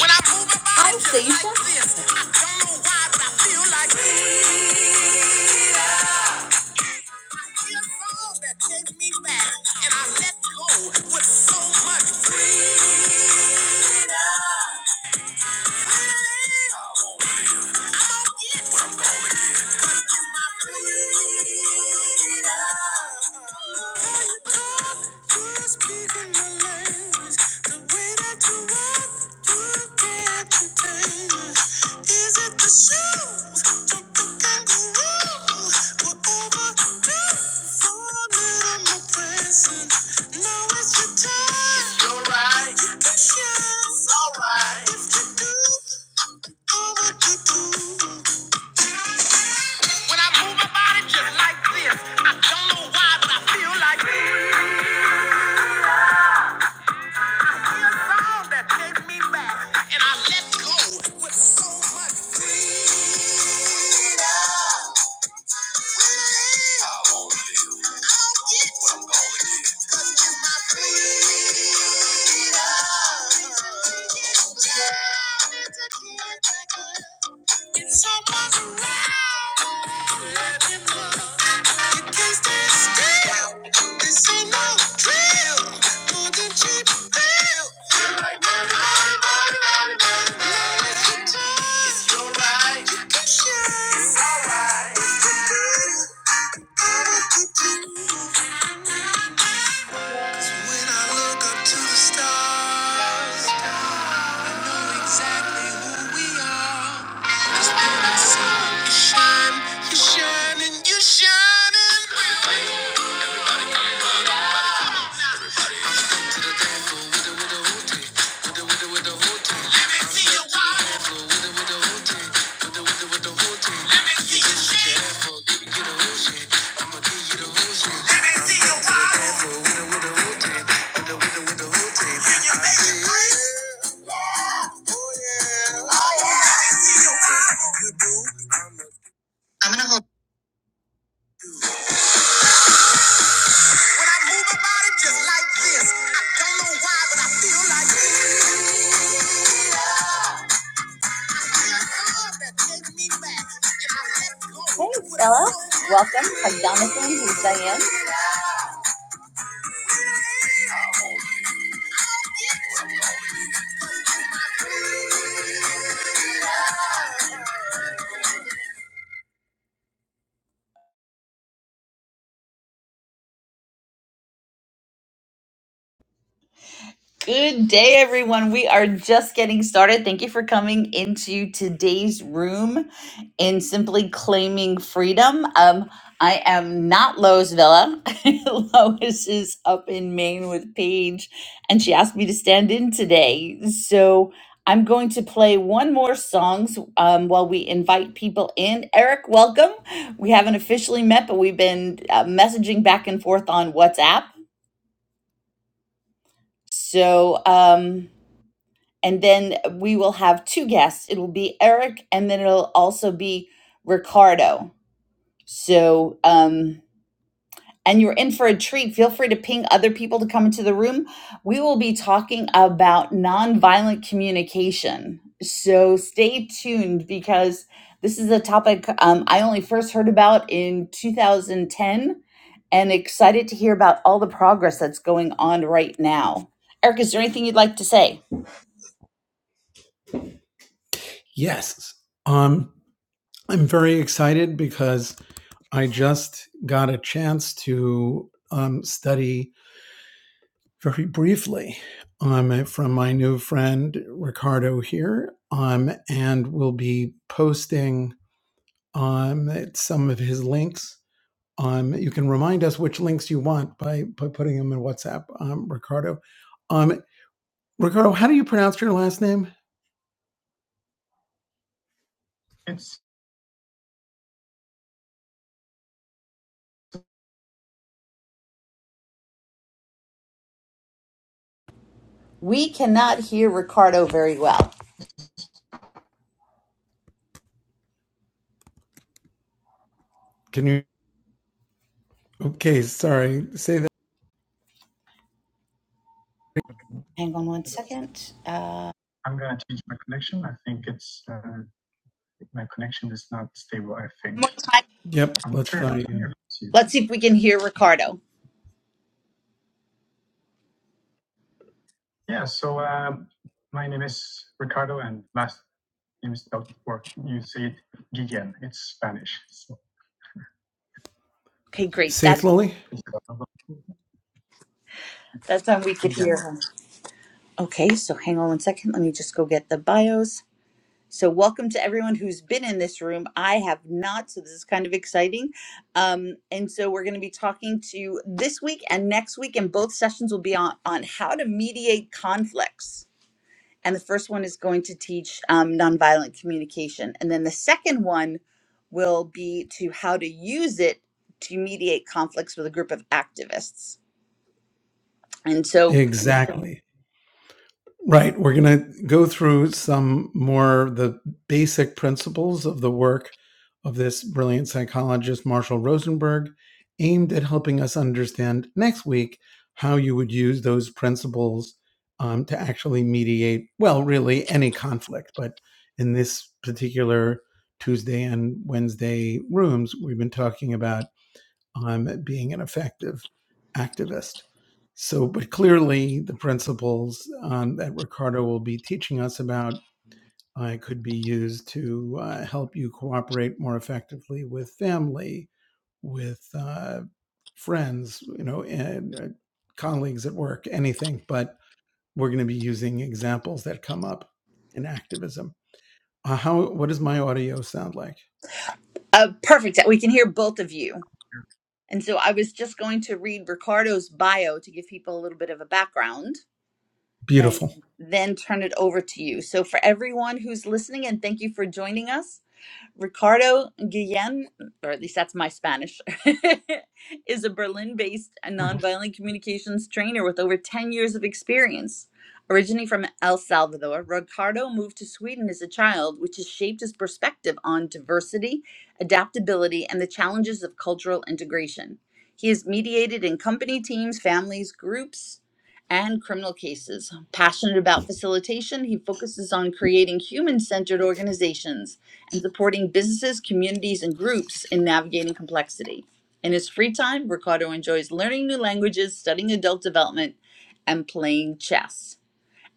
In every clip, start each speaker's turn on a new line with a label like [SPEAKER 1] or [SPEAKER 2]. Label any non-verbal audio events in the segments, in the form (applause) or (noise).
[SPEAKER 1] When I'm moving by, just like this. I don't know why, but I feel like this. I hear a song that takes me back, and I let go with so much freedom. Freedom. Now it's your time. It's alright. You can shine. alright. If you do all what you do. When I move my body just like this, I don't know why, but I feel like all that takes me back. And I let go with so much freedom. I won't give. I'll get what I'm gonna get. 'Cause it's my freedom. Yeah, it's a gift I give. It's all about to ride. Let him love. You can't stand still. This ain't no drill. More than cheap thrill. Feel like money, money, money, money, money, money. Yes, you do. It's your right. You can share. It's all right. It's the thing. All that you can do. When I look up to the stars exactly who we are. 'Cause we're the sun. You shine, you shine, and you shine. Let me see your wallet. Let me see your shit. Let me see your wallet. Can you make it green? Oh, yeah. Oh, yeah. Let me see your wallet. I move my body just like this. I don't know why, but I feel like this. Hey, Stella. Welcome. Hi, Jonathan. Who's Diane? Good day, everyone. We are just getting started. Thank you for coming into today's room in Simply Claiming Freedom. Um, I am not Lois Villa. (laughs) Lois is up in Maine with Paige, and she asked me to stand in today. So I'm going to play one more songs um, while we invite people in. Eric, welcome. We haven't officially met, but we've been uh, messaging back and forth on WhatsApp. So, um, and then we will have two guests. It'll be Eric, and then it'll also be Ricardo. So, um, and you're in for a treat. Feel free to ping other people to come into the room. We will be talking about nonviolent communication. So stay tuned because this is a topic um, I only first heard about in 2010 and excited to hear about all the progress that's going on right now. Eric, is there anything you'd like to say?
[SPEAKER 2] Yes. Um, I'm very excited because I just got a chance to um, study very briefly um, from my new friend Ricardo here, um, and will be posting um, some of his links. Um, you can remind us which links you want by, by putting them in WhatsApp, um, Ricardo. Um, Ricardo, how do you pronounce your last name?
[SPEAKER 1] We cannot hear Ricardo very well.
[SPEAKER 2] Can you? Okay, sorry. Say that.
[SPEAKER 1] Hang on one second. Uh, one more time.
[SPEAKER 2] Yep.
[SPEAKER 1] Let's see if we can hear Ricardo. Okay, great.
[SPEAKER 2] Say it
[SPEAKER 1] That
[SPEAKER 2] slowly.
[SPEAKER 1] that time we could hear him. Okay, so hang on one second. Let me just go get the bios. So welcome to everyone who's been in this room. I have not, so this is kind of exciting. Um, and so we're going to be talking to this week and next week, and both sessions will be on on how to mediate conflicts and the first one is going to teach um, nonviolent communication and then the second one will be to how to use it to mediate conflicts with a group of activists and so
[SPEAKER 2] Exactly. Right. We're going to go through some more the basic principles of the work of this brilliant psychologist, Marshall Rosenberg, aimed at helping us understand next week how you would use those principles um, to actually mediate, well, really any conflict. But in this particular Tuesday and Wednesday rooms, we've been talking about um, being an effective activist. So, but clearly, the principles um, that Ricardo will be teaching us about uh, could be used to uh, help you cooperate more effectively with family, with uh, friends, you know, and uh, colleagues at work, anything. But we're going to be using examples that come up in activism. Uh, how? What does my audio sound like?
[SPEAKER 1] uh, perfect we can hear both of you and so i was just going to read ricardo's bio to give people a little bit of a background and
[SPEAKER 2] Beautiful.
[SPEAKER 1] then turn it over to you so for everyone who's listening and thank you for joining us Ricardo Guillen, or at least that's my Spanish, (laughs) is a Berlin based nonviolent communications trainer with over 10 years of experience. Originally from El Salvador, Ricardo moved to Sweden as a child, which has shaped his perspective on diversity, adaptability, and the challenges of cultural integration. He has mediated in company teams, families, groups, and criminal cases. Passionate about facilitation, he focuses on creating human centered organizations and supporting businesses, communities, and groups in navigating complexity. In his free time, Ricardo enjoys learning new languages, studying adult development, and playing chess.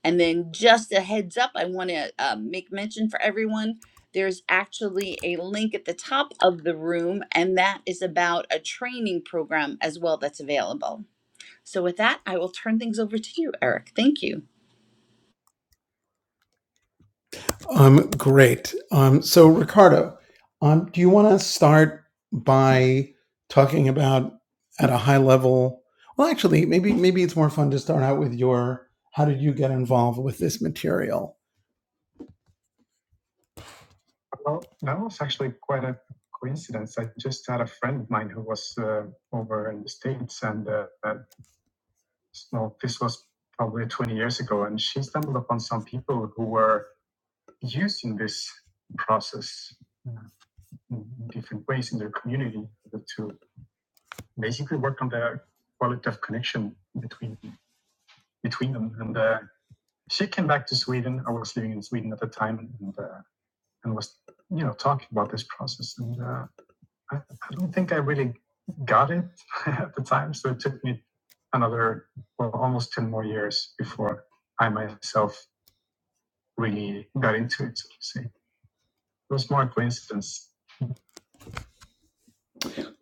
[SPEAKER 1] And then, just a heads up, I want to uh, make mention for everyone there's actually a link at the top of the room, and that is about a training program as well that's available. So, with that, I will turn things over to you, Eric. Thank you.
[SPEAKER 2] Um, great. Um, so Ricardo, um, do you want to start by talking about at a high level? Well, actually, maybe maybe it's more fun to start out with your how did you get involved with this material?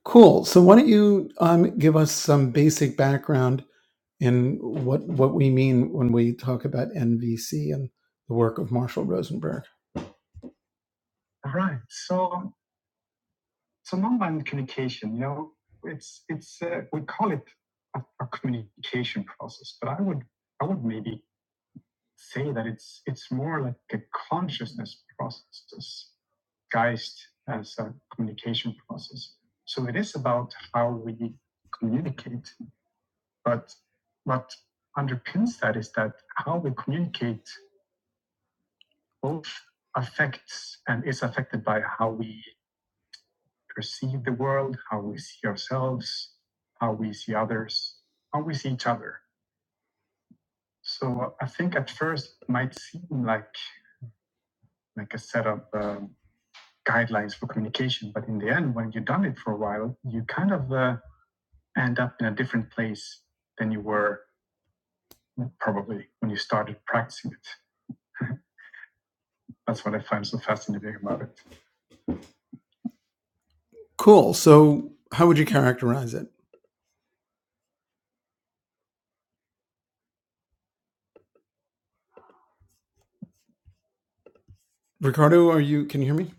[SPEAKER 2] Cool. So why don't you um, give us some basic background in what what we mean when we talk about NVC and the work of Marshall Rosenberg? Cool. So how would you characterize it, Ricardo? Are you can you hear me?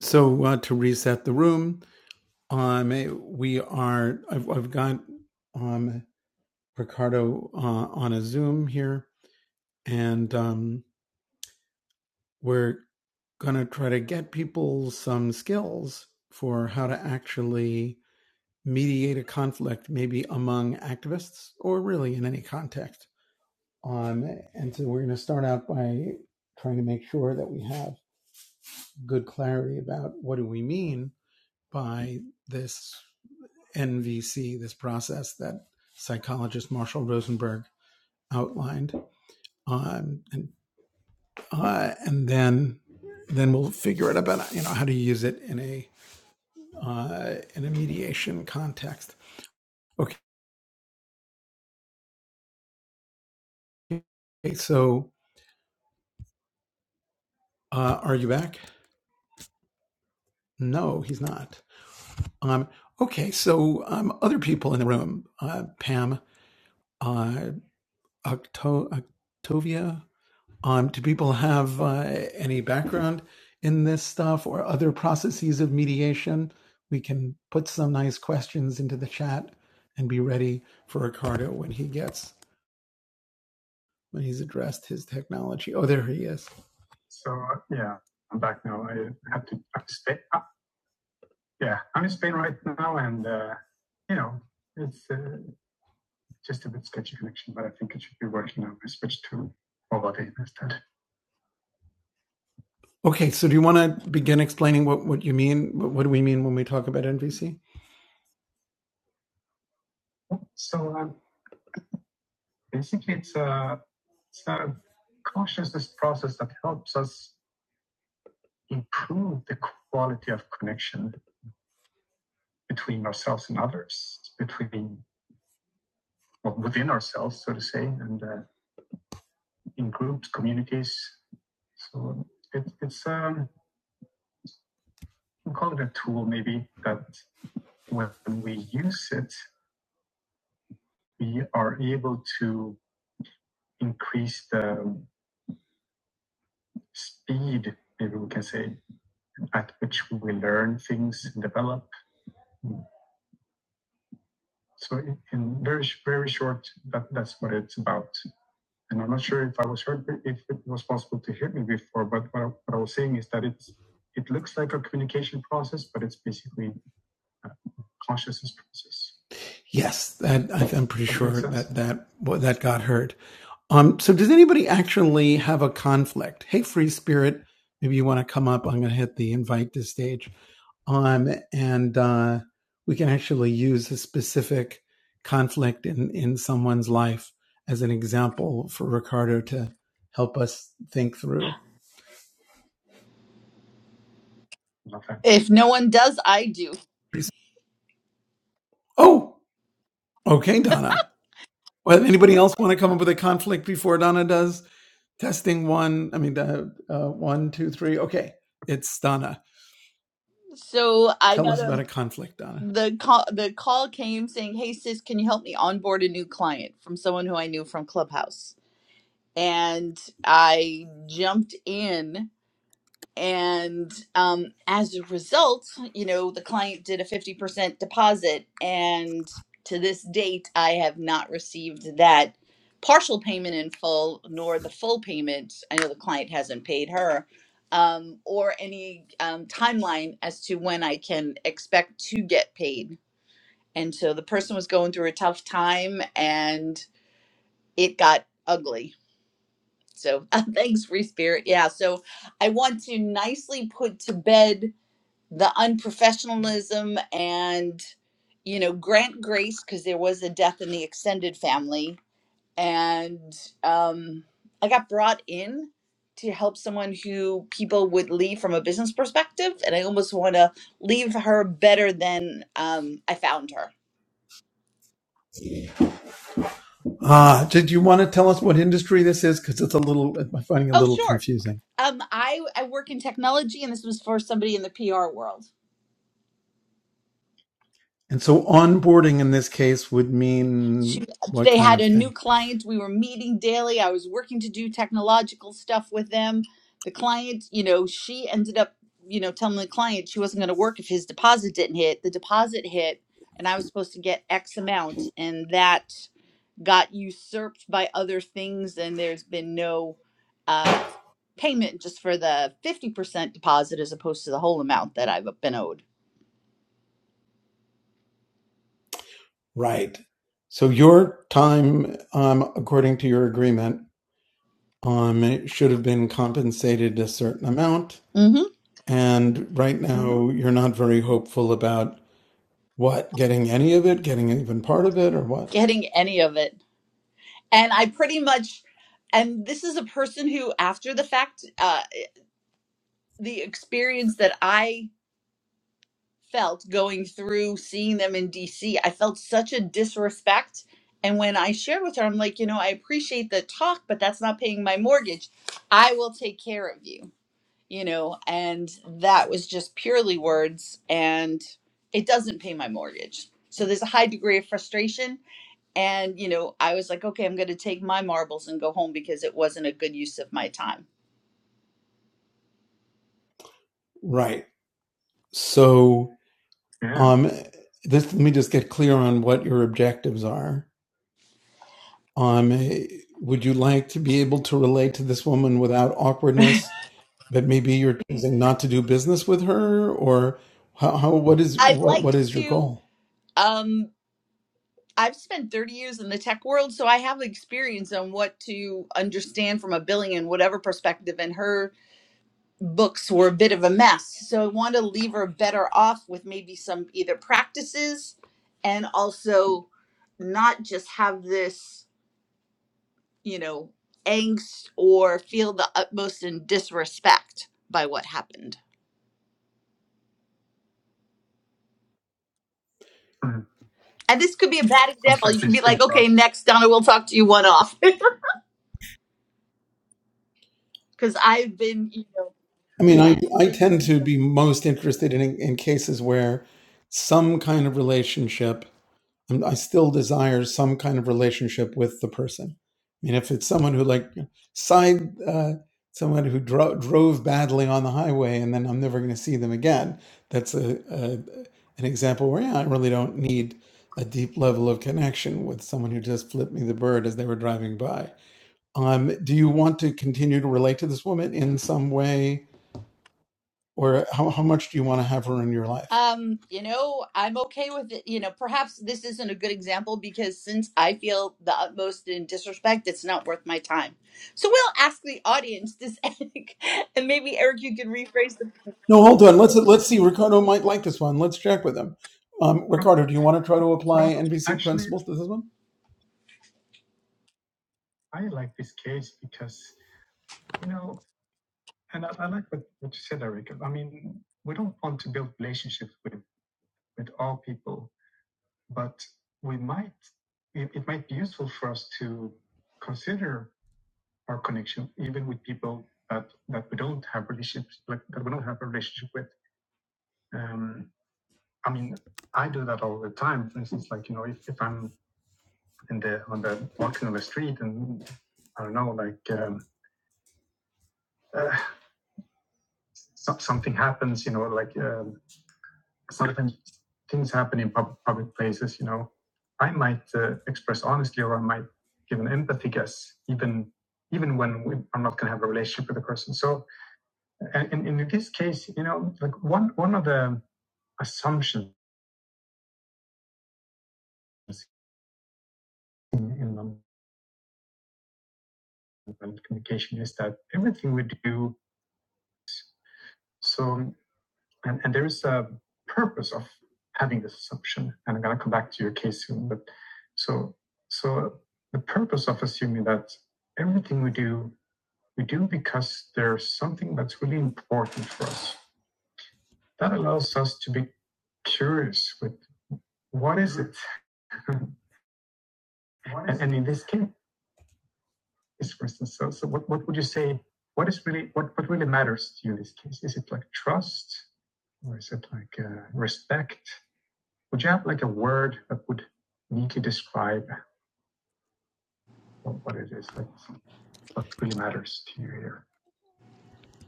[SPEAKER 2] So uh, to reset the room. Um, eh, we are. I've, I've got um Ricardo uh, on a Zoom here, and um, we're gonna try to get people some skills for how to actually mediate a conflict, maybe among activists or really in any context. Um, and so we're gonna start out by trying to make sure that we have good clarity about what do we mean by this NVC, this process that psychologist Marshall Rosenberg outlined, um, and uh, and then then we'll figure out about you know how to use it in a uh, in a mediation context. Okay, so uh, are you back? No, he's not. Um, okay, so um, other people in the room, uh, Pam, uh, Octo- Octavia, Um, do people have uh, any background in this stuff or other processes of mediation? We can put some nice questions into the chat and be ready for Ricardo when he gets when he's addressed his technology. Oh, there he is. Okay, so do you want to begin explaining what, what you mean? What, what do we mean when we talk about NVC? Yes, that, I, am pretty sure that that got heard. Um, so does anybody actually have a conflict? Hey, free spirit, maybe you want to come up. I'm going to hit the invite to stage. Um, and uh, we can actually use a specific conflict in, in someone's life as an example for Ricardo to help us think through.
[SPEAKER 1] If no one does, I do.
[SPEAKER 2] Oh, okay, Donna. Well, anybody else want to come up with a conflict before Donna does? Testing one, I mean, uh, uh, one, two, three. Okay, it's Donna.
[SPEAKER 1] So, I
[SPEAKER 2] Tell
[SPEAKER 1] got
[SPEAKER 2] us about
[SPEAKER 1] to
[SPEAKER 2] a conflict, Donna.
[SPEAKER 1] the call the call came saying, "Hey sis, can you help me onboard a new client from someone who I knew from Clubhouse?" And I jumped in, and um, as a result, you know, the client did a fifty percent deposit, and to this date, I have not received that partial payment in full, nor the full payment. I know the client hasn't paid her. Um, or any um, timeline as to when I can expect to get paid and so the person was going through a tough time and it got ugly. So (laughs) thanks, Free Spirit. Yeah. So I want to nicely put to bed the unprofessionalism and, you know, grant grace because there was a death in the extended family. And um, I got brought in to help someone who people would leave from a business perspective. And I almost want to leave her better than um, I found her
[SPEAKER 2] Ah, did you want to tell us what industry this is? Because it's a little, I'm finding it a
[SPEAKER 1] Oh,
[SPEAKER 2] little
[SPEAKER 1] sure.
[SPEAKER 2] confusing.
[SPEAKER 1] Um, I I work in technology, and this was for somebody in the PR world.
[SPEAKER 2] And so onboarding in this case would
[SPEAKER 1] She,
[SPEAKER 2] mean what
[SPEAKER 1] they
[SPEAKER 2] kind
[SPEAKER 1] had
[SPEAKER 2] of
[SPEAKER 1] a new
[SPEAKER 2] thing?
[SPEAKER 1] client. We were meeting daily. I was working to do technological stuff with them. The client, you know, she ended up, you know, telling the client she wasn't going to work if his deposit didn't hit. The deposit hit, and I was supposed to get X amount, and that got usurped by other things. And there's been no uh, payment just for the fifty percent deposit as opposed to the whole amount that I've been owed.
[SPEAKER 2] Right. So your time, um, according to your agreement, um, it should have been compensated a certain amount.
[SPEAKER 1] hmm
[SPEAKER 2] And right now, you're not very hopeful about what getting any of it, getting even part of it, or what?
[SPEAKER 1] Getting any of it. And I pretty much, and this is a person who, after the fact, uh, the experience that I felt going through seeing them in DC, I felt such a disrespect. And when I shared with her, I'm like, you know, I appreciate the talk, but that's not paying my mortgage. I will take care of you, you know, and that was just purely words, and it doesn't pay my mortgage. So there's a high degree of frustration And, you know, I was like, okay, I'm going to take my marbles and go home because it wasn't a good use of my time.
[SPEAKER 2] Right. So, um, this, let me just get clear on what your objectives are Um, would you like to be able to relate to this woman without awkwardness? But maybe you're choosing not to do business with her, or how? how what is
[SPEAKER 1] I'd
[SPEAKER 2] what? What
[SPEAKER 1] like
[SPEAKER 2] is your
[SPEAKER 1] to,
[SPEAKER 2] goal?
[SPEAKER 1] um, I've spent 30 years in the tech world, so I have experience on what to understand from a billing and whatever perspective. And her books were a bit of a mess. So I want to leave her better off with maybe some either practices and also not just have this, you know, angst or feel the utmost in disrespect by what happened. And this could be a bad example. You can be like, okay, next, Donna, we'll talk to you one off. (laughs) Because I've been, you know,
[SPEAKER 2] I mean, I tend to be most interested in in cases where some kind of relationship i still desire some kind of relationship with the person. I mean, if it's someone who like side, uh, someone who dro- drove badly on the highway and then I'm never going to see them again, that's a, a an example where yeah, I really don't need a deep level of connection with someone who just flipped me the bird as they were driving by. Um, do you want to continue to relate to this woman in some way, or how, how much do you want to have her in your life?
[SPEAKER 1] um, you know, I'm okay with it. You know, perhaps this isn't a good example because since I feel the utmost in disrespect, it's not worth my time. So we'll ask the audience this, (laughs) and maybe Eric, you can rephrase the.
[SPEAKER 2] No, hold on. Let's let's see. Ricardo might like this one. Let's check with him. Um, Ricardo, do you want to try to apply NVC rules to this one?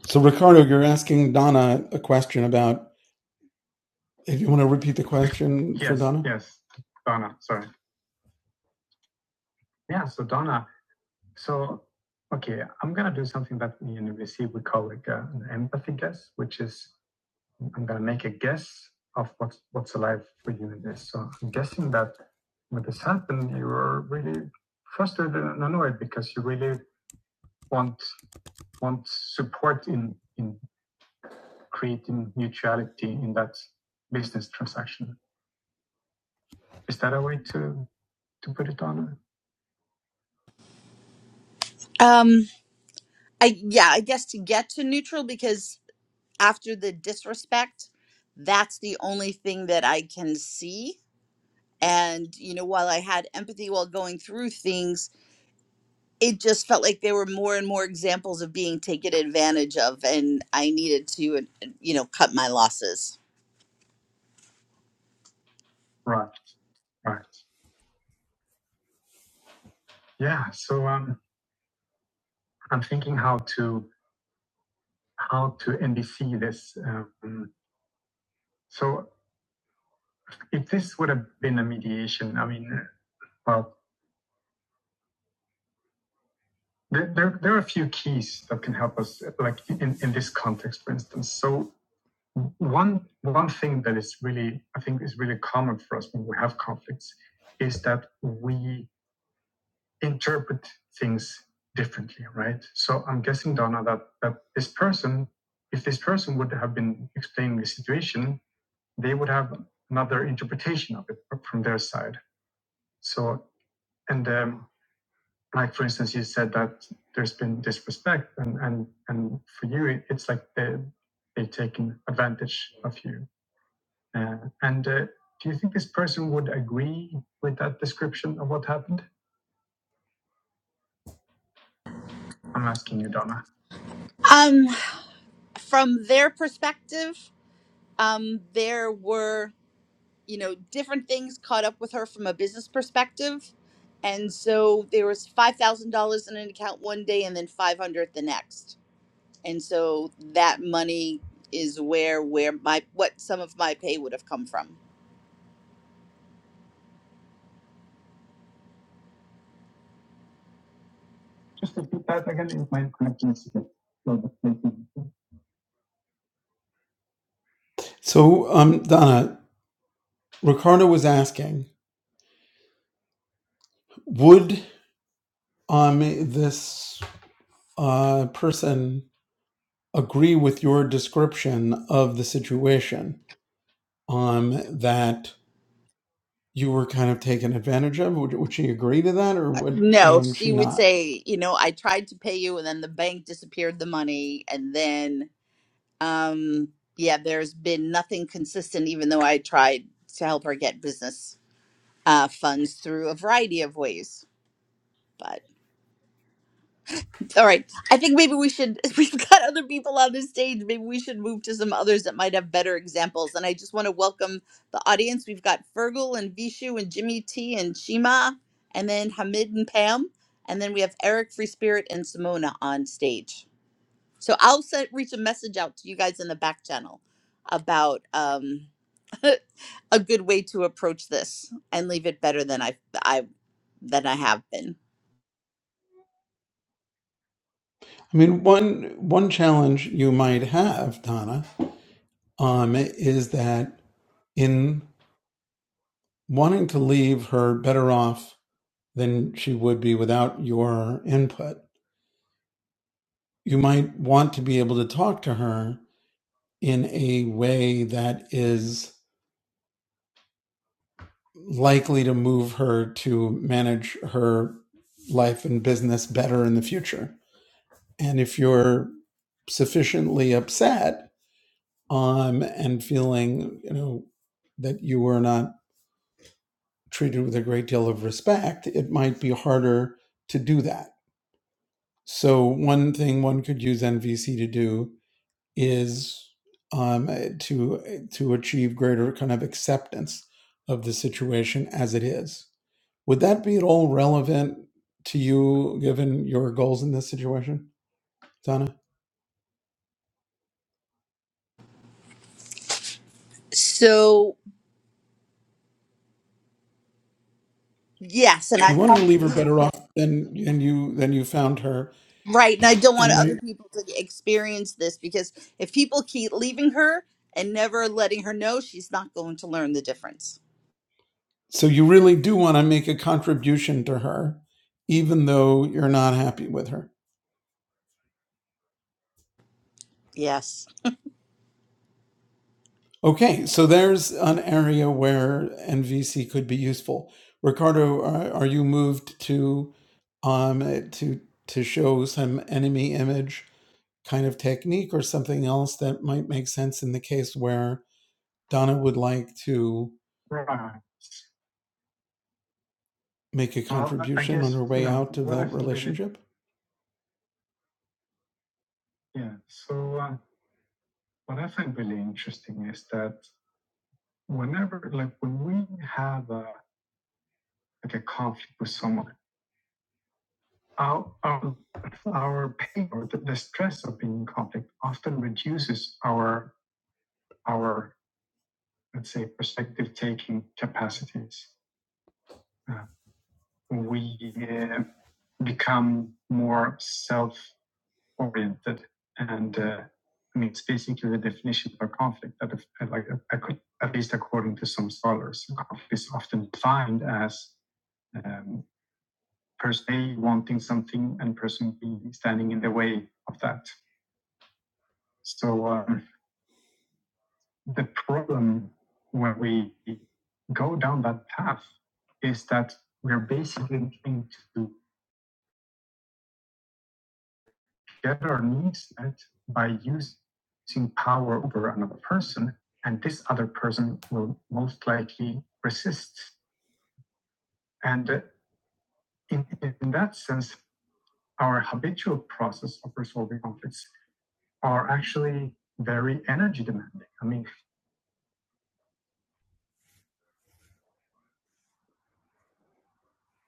[SPEAKER 2] So, Ricardo, you're asking Donna a question about. If you want to repeat the question,
[SPEAKER 1] Um, I yeah, I guess to get to neutral because after the disrespect, that's the only thing that I can see and you know while i had empathy while going through things it just felt like there were more and more examples of being taken advantage of and i needed to uh, you know cut my losses um from their perspective um there were you know different things caught up with her from a business perspective and so there was $5000 in an account one day and then 500 the next and so that money is where where my what some of my pay would have come from
[SPEAKER 2] so um, Donna, Ricardo was asking, would um this uh person agree with your description of the situation um that you were kind of taken advantage of? Would, would she agree to that, or would
[SPEAKER 1] No,
[SPEAKER 2] um, she
[SPEAKER 1] she would
[SPEAKER 2] not?
[SPEAKER 1] say, you know, I tried to pay you and then the bank disappeared the money and then um yeah, there's been nothing consistent even though I tried to help her get business uh funds through a variety of ways. but. All right. I think maybe we should, (laughs) we've got other people on the stage. Maybe we should move to some others that might have better examples. And I just want to welcome the audience. We've got Fergal and Vishu and Jimmy T and Shima, and then Hamid and Pam. And then we have Eric Free Spirit and Simona on stage. So I'll set, reach a message out to you guys in the back channel about um, (laughs) a good way to approach this and leave it better than I, I than I have been.
[SPEAKER 2] I mean, one one challenge you might have, Donna, um, is that in wanting to leave her better off than she would be without your input. You might want to be able to talk to her in a way that is likely to move her to manage her life and business better in the future. And if you're sufficiently upset um, and feeling, you know, that you were not treated with a great deal of respect, it might be harder to do that So one thing one could use NVC to do is um, eh, to eh, to achieve greater kind of acceptance of the situation as it is. Would that be at all relevant to you, given your goals in this situation, Donna?
[SPEAKER 1] So yes, and I
[SPEAKER 2] You wanted to leave her better off than and you than you found her,
[SPEAKER 1] Right. And I don't want
[SPEAKER 2] and
[SPEAKER 1] other
[SPEAKER 2] right-
[SPEAKER 1] people to experience this because if people keep leaving her and never letting her know, she's not going to learn the difference.
[SPEAKER 2] so you really do want to make a contribution to her, even though you're not happy with her.
[SPEAKER 1] Yes.
[SPEAKER 2] Okay, so there's an area where NVC could be useful. Ricardo, are, are you moved to um to to show some enemy image kind of technique or something else that might make sense in the case where Donna would like to make a trip?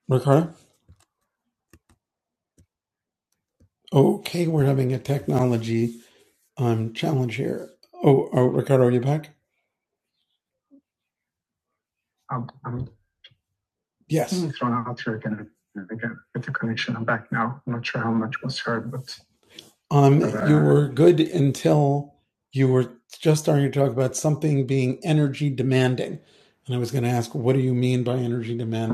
[SPEAKER 2] Ricardo? Okay, we're having a technology um challenge here. Oh, oh Ricardo, are you back? Yes. Um were good until you were just starting to talk about something being energy demanding. And I was going to ask, what do you mean by energy demand?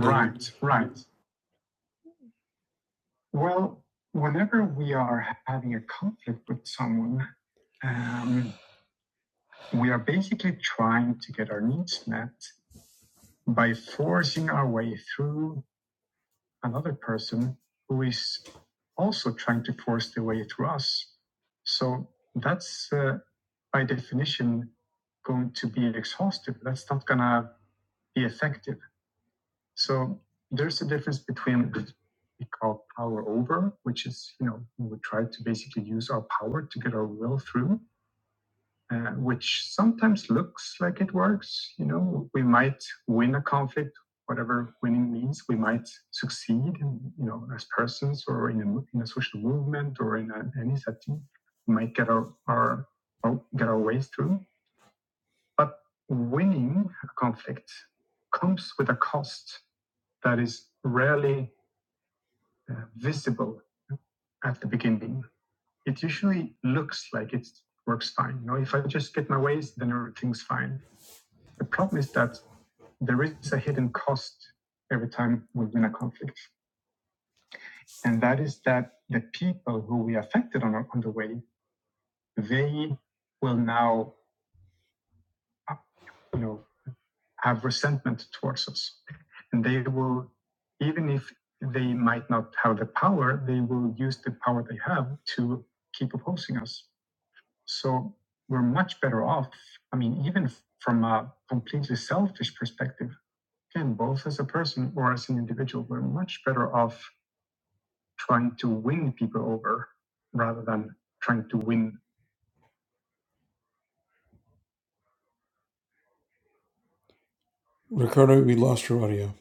[SPEAKER 2] Ricardo, we lost your audio.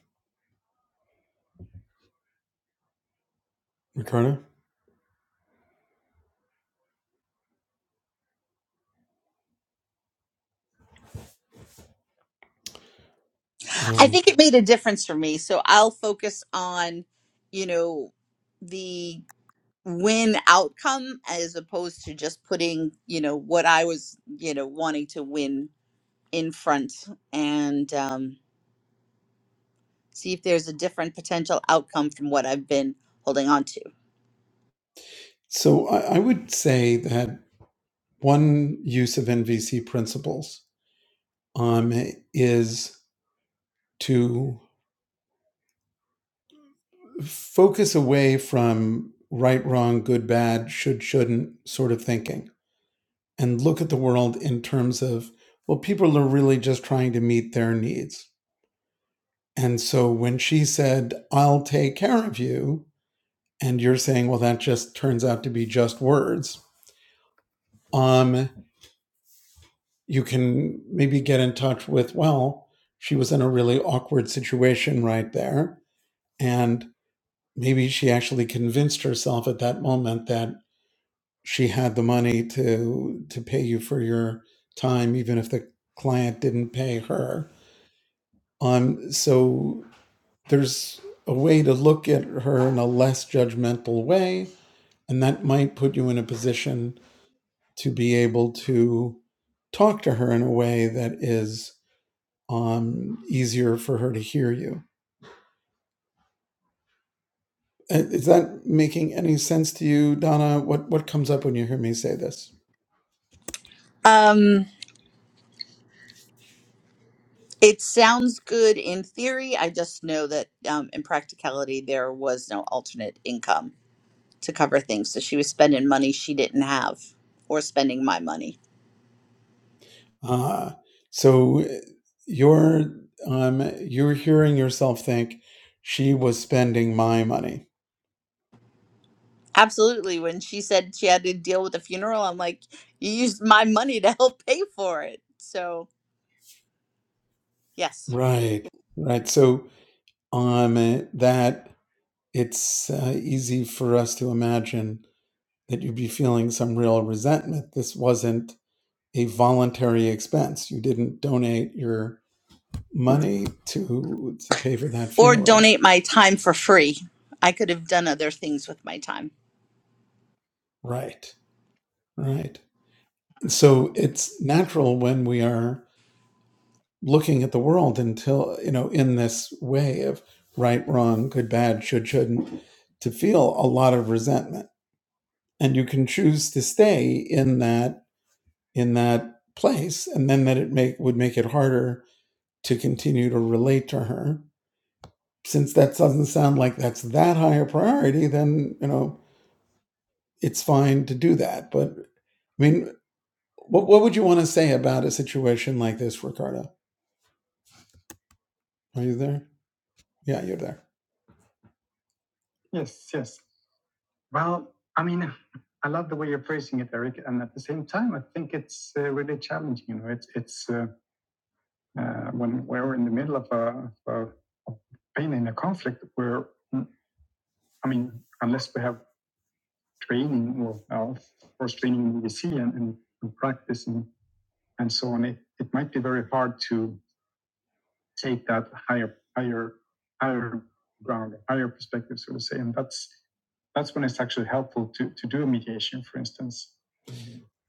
[SPEAKER 2] Ricardo?
[SPEAKER 1] I
[SPEAKER 2] Um,
[SPEAKER 1] think it made a difference for me. So I'll focus on, you know, the win outcome as opposed to just putting, you know, what I was, you know, wanting to win in front and um, see if there's a different potential outcome from what I've been holding on to.
[SPEAKER 2] so I, I would say that one use of NVC principles um, is to focus away from right, wrong, good, bad, should, shouldn't sort of thinking and look at the world in terms of, well, people are really just trying to meet their needs And so when she said, I'll take care of you, and you're saying, well, that just turns out to be just words, um, you can maybe get in touch with, well, she was in a really awkward situation right there. And maybe she actually convinced herself at that moment that she had the money to to pay you for your time, even if the client didn't pay her. Um, so there's a way to look at her in a less judgmental way And that might put you in a position to be able to talk to her in a way that is um, easier for her to hear you. Uh, Is that making any sense to you, Donna? What what comes up when you hear me say this?
[SPEAKER 1] Um, It sounds good in theory. I just know that um, in practicality, there was no alternate income to cover things. So she was spending money she didn't have or spending my money.
[SPEAKER 2] Uh, so you're um, you're hearing yourself think she was spending my money,
[SPEAKER 1] Absolutely. When she said she had to deal with a funeral, I'm like, you used my money to help pay for it. So, yes.
[SPEAKER 2] right? Right. So um, that it's uh, easy for us to imagine that you'd be feeling some real resentment. This wasn't a voluntary expense. You didn't donate your money to to pay for that
[SPEAKER 1] Or
[SPEAKER 2] funeral.
[SPEAKER 1] donate my time for free. I could have done other things with my time.
[SPEAKER 2] Right. Right. And so it's natural when we are looking at the world until, you know, in this way of right, wrong, good, bad, should, shouldn't, to feel a lot of resentment. And you can choose to stay in that in that place. And then that it make would make it harder to continue to relate to her since that doesn't sound like that's that high a priority, then you know it's fine to do that. But I mean, what what would you want to say about a situation like this, Ricardo? Are you there? Yeah, you're there.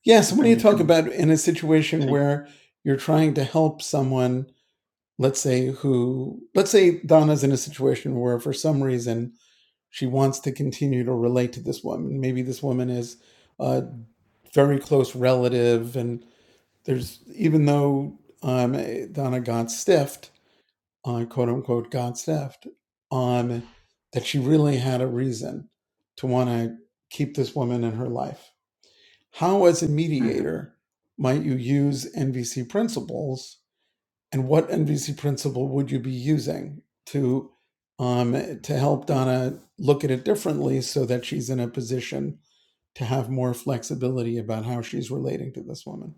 [SPEAKER 2] Yes, but in a situation where you're trying to help someone, let's say who, let's say Donna's in a situation where for some reason she wants to continue to relate to this woman. Maybe this woman is a very close relative, and there's even though um, Donna got stiffed, uh, quote unquote, got stiffed, um, that she really had a reason to want to keep this woman in her life. How, as a mediator, might you use NVC principles, and what NVC principle would you be using to um, to help Donna look at it differently, so that she's in a position to have more flexibility about how she's relating to this woman?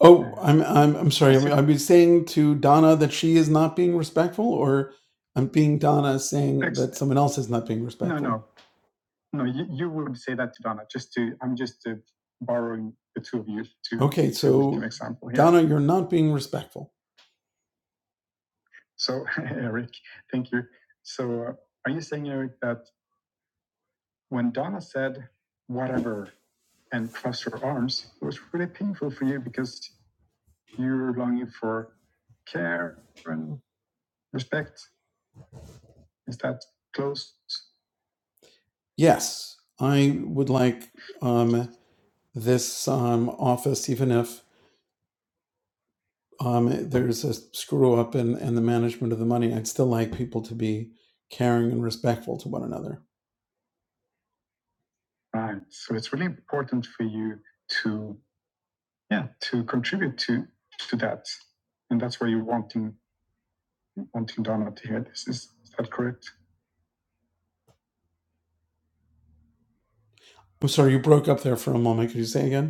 [SPEAKER 2] Oh, I'm I'm I'm sorry. I'm be saying to Donna that she is not being respectful, or I'm being Donna saying that someone else is not being respectful. Okay, so Donna, you're not being respectful. Yes, I would like um, this um, office, even if um, there's a screw up in, in the management of the money, I'd still like people to be caring and respectful to one another. I'm sorry, you broke up there for a moment. Could you say again?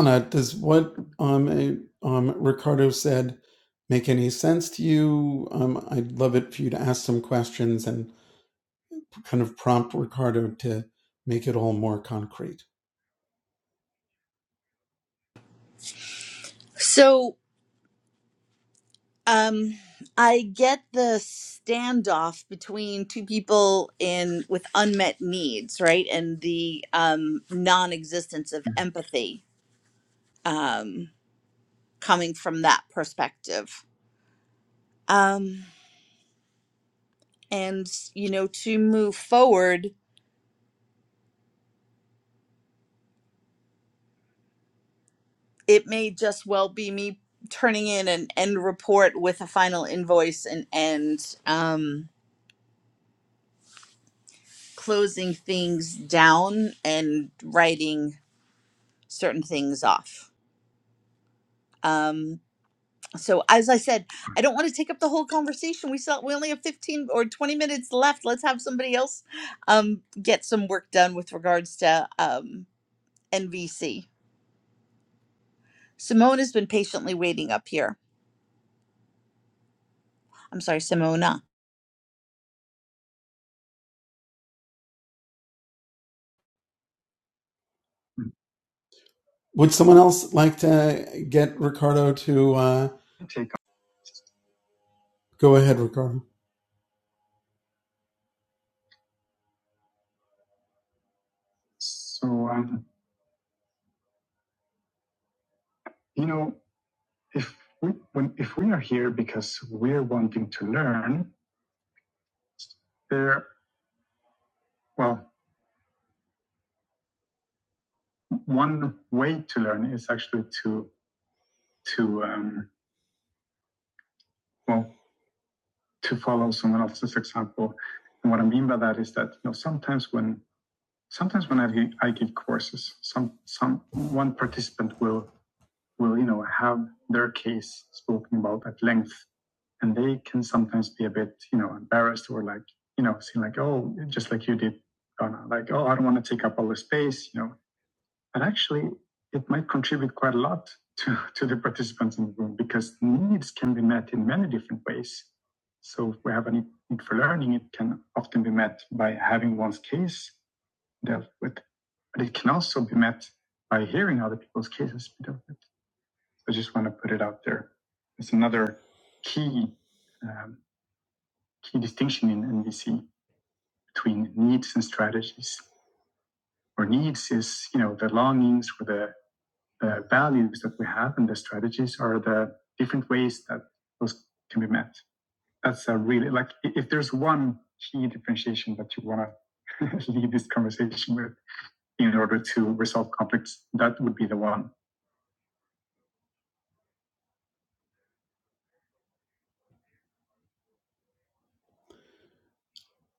[SPEAKER 2] Anna, does what um, eh, um, Ricardo said make any sense to you? Um, I'd love it for you to ask some questions and kind of prompt Ricardo to make it all more concrete.
[SPEAKER 1] So, Um, I get the standoff between two people in with unmet needs, right, and the um, non-existence of empathy um, coming from that perspective. Um, and you know, to move forward, it may just well be me turning in an end report with a final invoice and and um, closing things down and writing certain things off. Um, so as i said i don't want to take up the whole conversation we saw we only have 15 or 20 minutes left let's have somebody else um, get some work done with regards to um, nvc simone has been patiently waiting up here i'm sorry simona
[SPEAKER 2] Would someone else like to get Ricardo to uh, go ahead, Ricardo?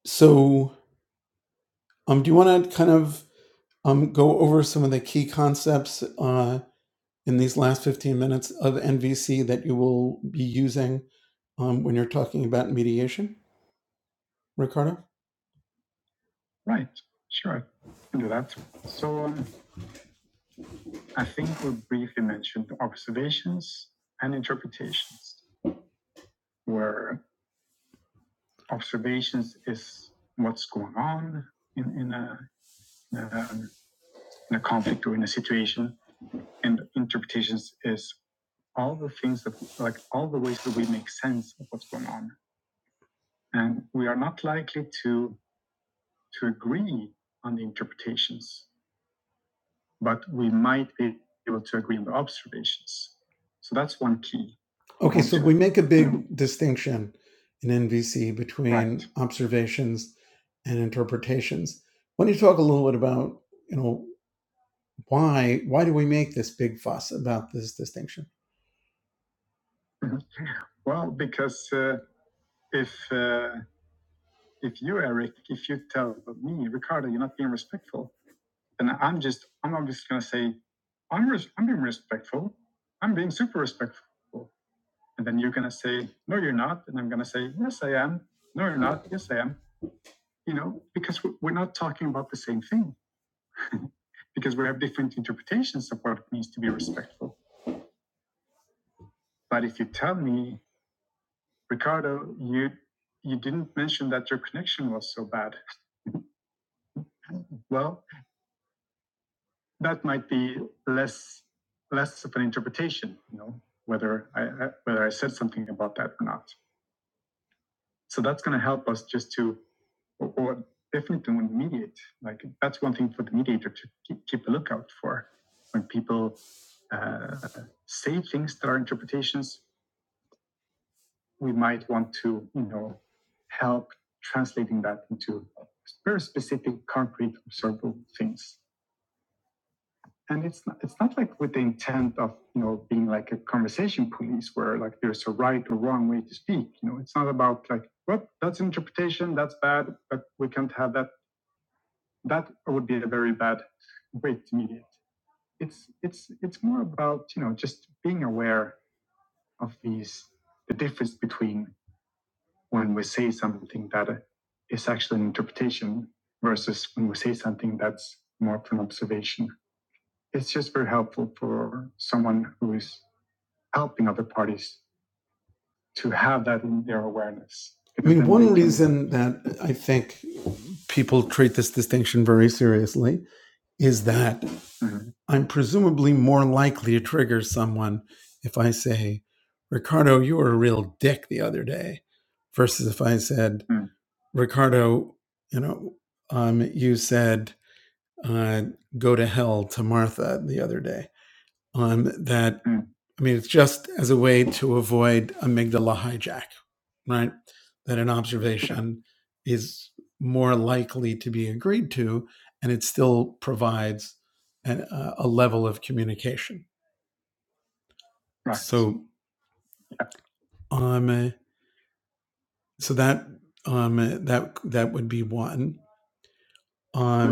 [SPEAKER 2] So, um, do you want to kind of um, go over some of the key concepts uh, in these last 15 minutes of NVC that you will be using um, when you're talking about mediation, Ricardo? Okay. Make a big distinction in NVC between observations and interpretations. Why don't you talk a little bit about, you know, why why do we make this big fuss about this distinction? And that I think people treat this distinction very seriously is that I'm presumably more likely to trigger someone if I say, Ricardo, you were a real dick the other day, versus if I said, Ricardo, you know, um, you said, uh, go to hell to Martha the other day. Um, that, I mean, it's just as a way to avoid amygdala hijack, right? That an observation is more likely to be agreed to, and it still provides an, uh, a level of communication So um, uh, so that um, uh, that that would be one. Uh,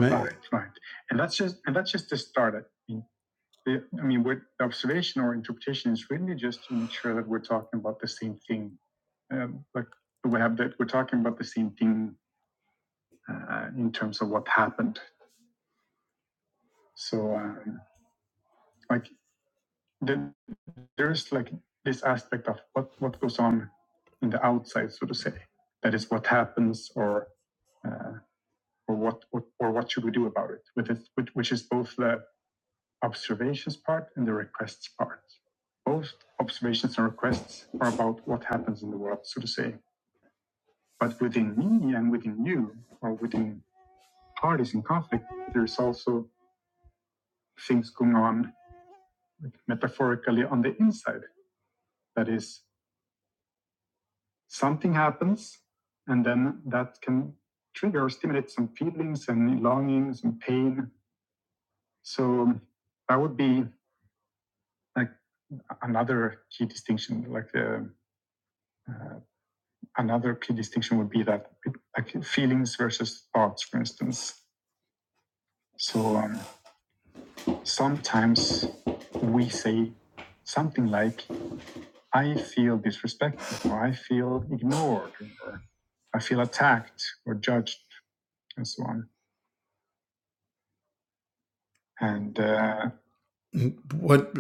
[SPEAKER 2] what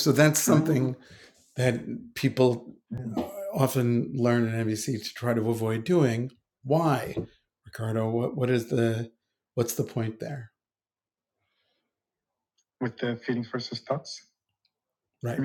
[SPEAKER 2] so that's that people often learn in NBC to try to avoid doing. Why, Ricardo? What what is the what's the point there? Right.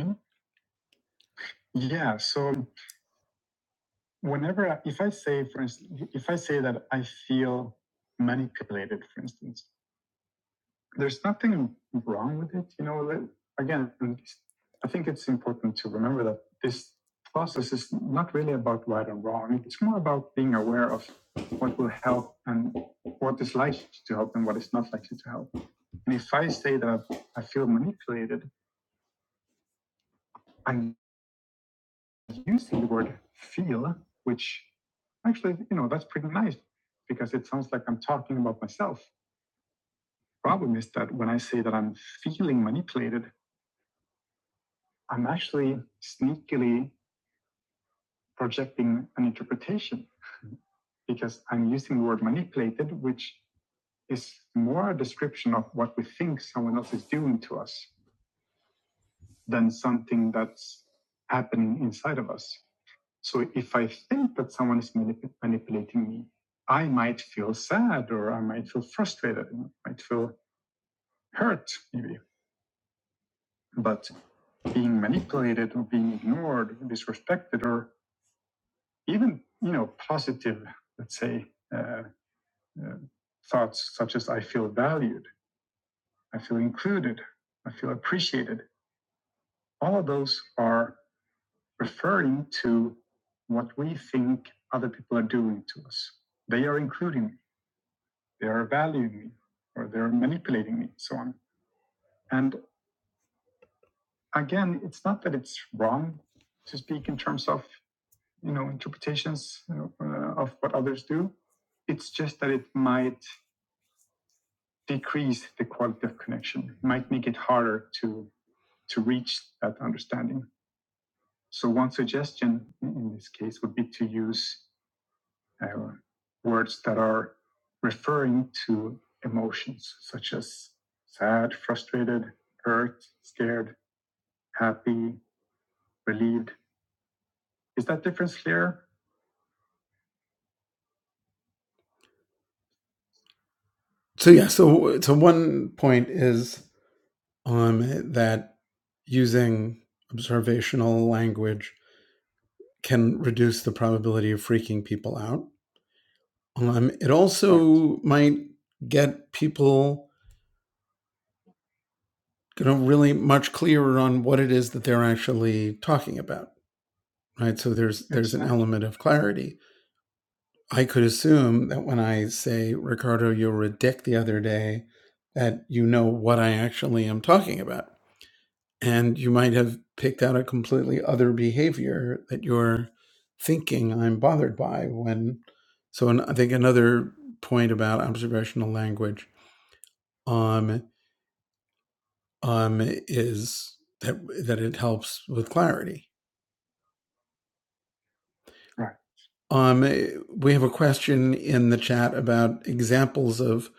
[SPEAKER 2] So yeah. So so one point is um eh, that using observational language can reduce the probability of freaking people out. Um, it also who might get people you know really much clearer on what it is that they're actually talking about right so there's there's an element of clarity i could assume that when i say ricardo you were a dick the other day that you know what i actually am talking about and you might have picked out a completely other behavior that you're thinking i'm bothered by when so an, i think another point about observational language um. um, is that that it helps with clarity. Um, eh, we have a question in the chat about examples of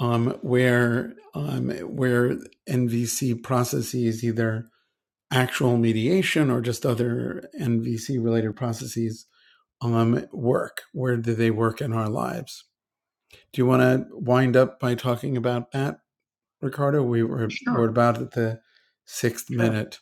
[SPEAKER 2] um, where um, where NVC processes, either actual mediation or just other NVC related processes, um, work. Where do they work in our lives? Do you want to wind up by talking about that, Ricardo? We were about at the sixth minute.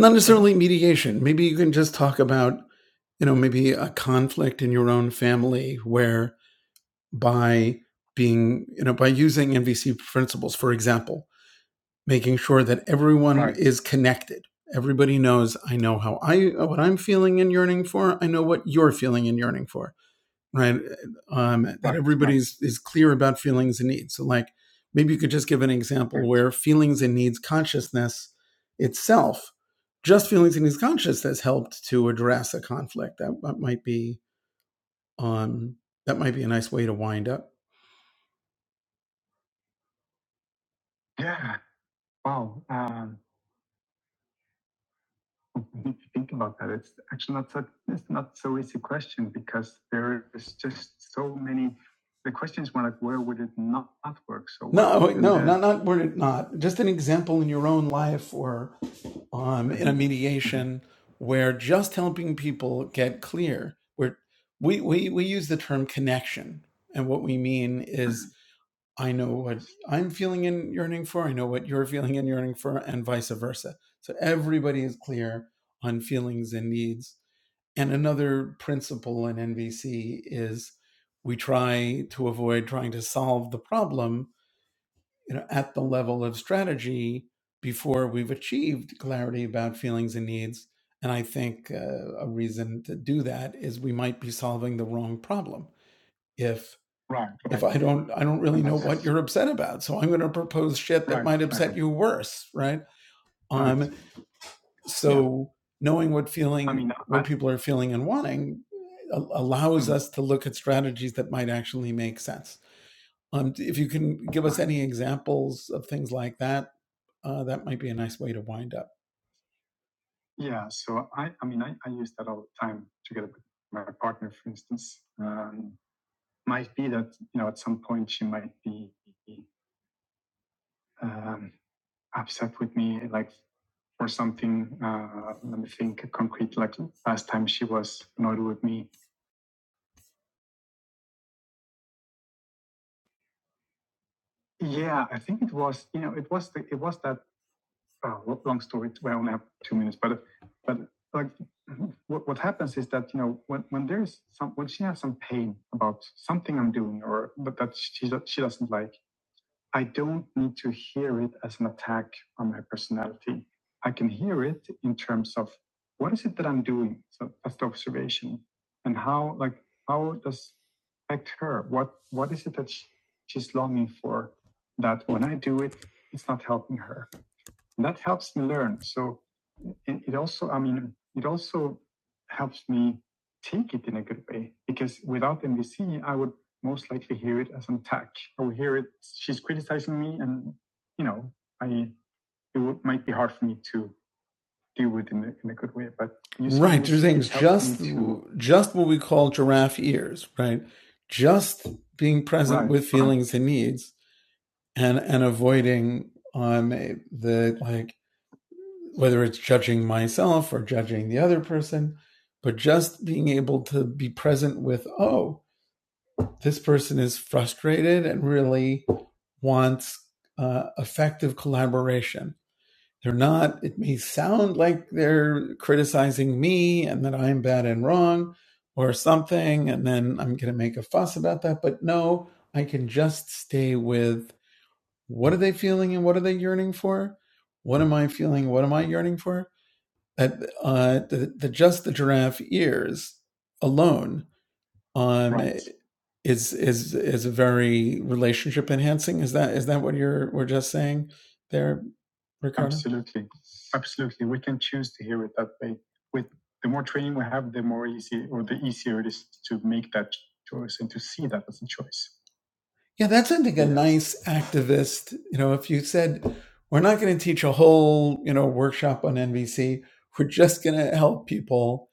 [SPEAKER 2] Not generally mediation maybe you can just talk about you know maybe a conflict in your own family where by being you know by using mvc principles for example making sure that everyone is connected everybody knows i know how i what i'm feeling and yearning for i know what you're feeling and yearning for right um is is clear about feelings and needs so like maybe you could just give an example where feelings and needs consciousness itself, just feelings and needs consciousness, helped to address a conflict. That, that might be um, that might be a nice way to wind up. Not word it not just an example in your own life or um, in a mediation where just helping people get clear. Where we we we use the term connection, and what we mean is I know what I'm feeling and yearning for. I know what you're feeling and yearning for, and vice versa. So everybody is clear on feelings and needs. And another principle in NVC is we try to avoid trying to solve the problem you know, at the level of strategy before we've achieved clarity about feelings and needs. And I think uh, a reason to do that is we might be solving the wrong problem. If I don't really you're upset about, so I'm going to propose shit you worse, right? Um, so knowing what feeling people are feeling and wanting allows us to look at strategies that might actually make sense. Um, if you can give us any examples of things like that, uh, that might be a nice way to wind up. Just what we call giraffe ears, right? Just being present to needs and and avoiding um eh, the like whether it's judging myself or judging the other person, but just being able to be present with, oh, this person is frustrated and really wants uh, effective collaboration. They're not, it may sound like they're criticizing me and that I'm bad and wrong or something, and then I'm going to make a fuss about that. But no, I can just stay with what are they feeling and what are they yearning for? What am I feeling? What am I yearning for? that uh, the, the just the giraffe ears alone uh, is is is very relationship enhancing. Is that is that what you're we're just saying there? Yeah, that's I think nice activist. You know, if you said we're not going to teach a whole you know workshop on NVC, we're just going to help people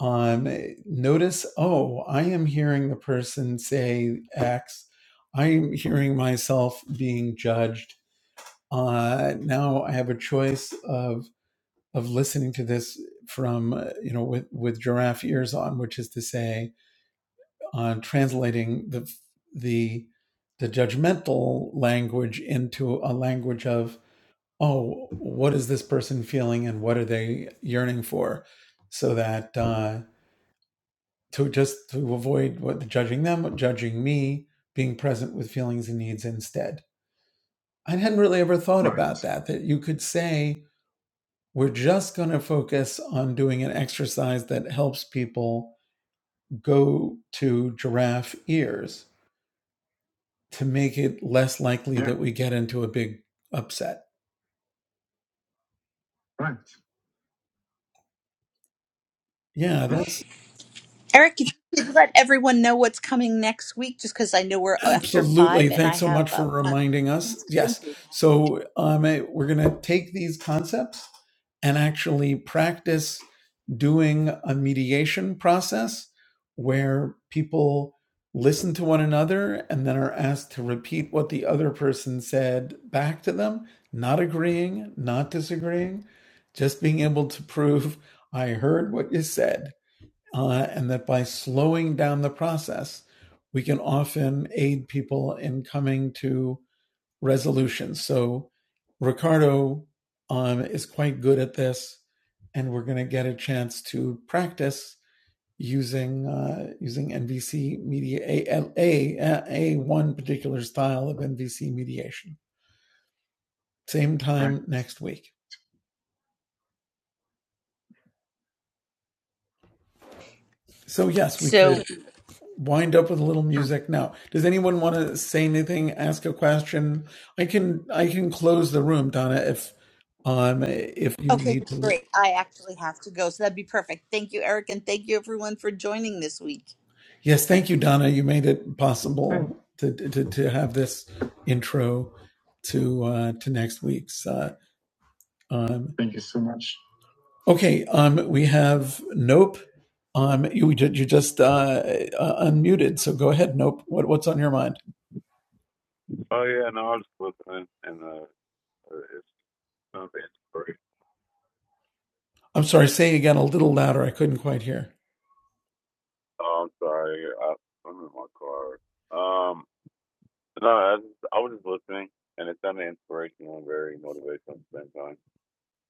[SPEAKER 2] um, notice. Oh, I am hearing the person say X. I am hearing myself being judged uh, now I have a choice of of listening to this from uh, you know with with giraffe ears on, which is to say, on uh, translating the the the judgmental language into a language of oh, what is this person feeling and what are they yearning for, so that uh, to just to avoid what judging them, judging me, being present with feelings and needs instead. I hadn't really ever thought that that you could say We're just going to focus on doing an exercise that helps people go to giraffe ears to make it less likely that we get into a big upset. Yeah, that's
[SPEAKER 1] eric if you could let everyone know what's coming next week just because i know we're after
[SPEAKER 2] Absolutely.
[SPEAKER 1] five and i
[SPEAKER 2] Thanks so much
[SPEAKER 1] have
[SPEAKER 2] for
[SPEAKER 1] a
[SPEAKER 2] reminding us. Yes. So um, eh, we're going to take these concepts and actually practice doing a mediation process where people listen to one another and then are asked to repeat what the other person said back to them, not agreeing, not disagreeing, just being able to prove I heard what you said uh, and that by slowing down the process, we can often aid people in coming to resolution. So, Ricardo um, is quite good at this, and we're going to get a chance to practice using uh, using NVC media A A A one particular style of NVC mediation. Same time next week. So yes, we could
[SPEAKER 1] so
[SPEAKER 2] wind up with a little music now. Does anyone want to say anything? Ask a question. I can I can close the room, Donna, if um if you
[SPEAKER 1] okay
[SPEAKER 2] need to leave.
[SPEAKER 1] great i actually have to go so that'd be perfect thank you eric and thank you everyone for joining this week
[SPEAKER 2] Yes, thank you, Donna. You made it possible to to, to have this intro to uh, to next week's. Uh, um, okay, um, we have nope. Um, you ju- you just uh, uh, unmuted, so go ahead. Nope. What what's on your mind?
[SPEAKER 3] Oh yeah, no, I was listening, and uh, uh, it's gonna be great.
[SPEAKER 2] I'm sorry, say again a little louder. I couldn't quite hear.
[SPEAKER 3] Oh, I'm sorry, I, I'm in my car. Um, no, I, just- I was just listening, and it sounded inspirational and very motivational at the same time.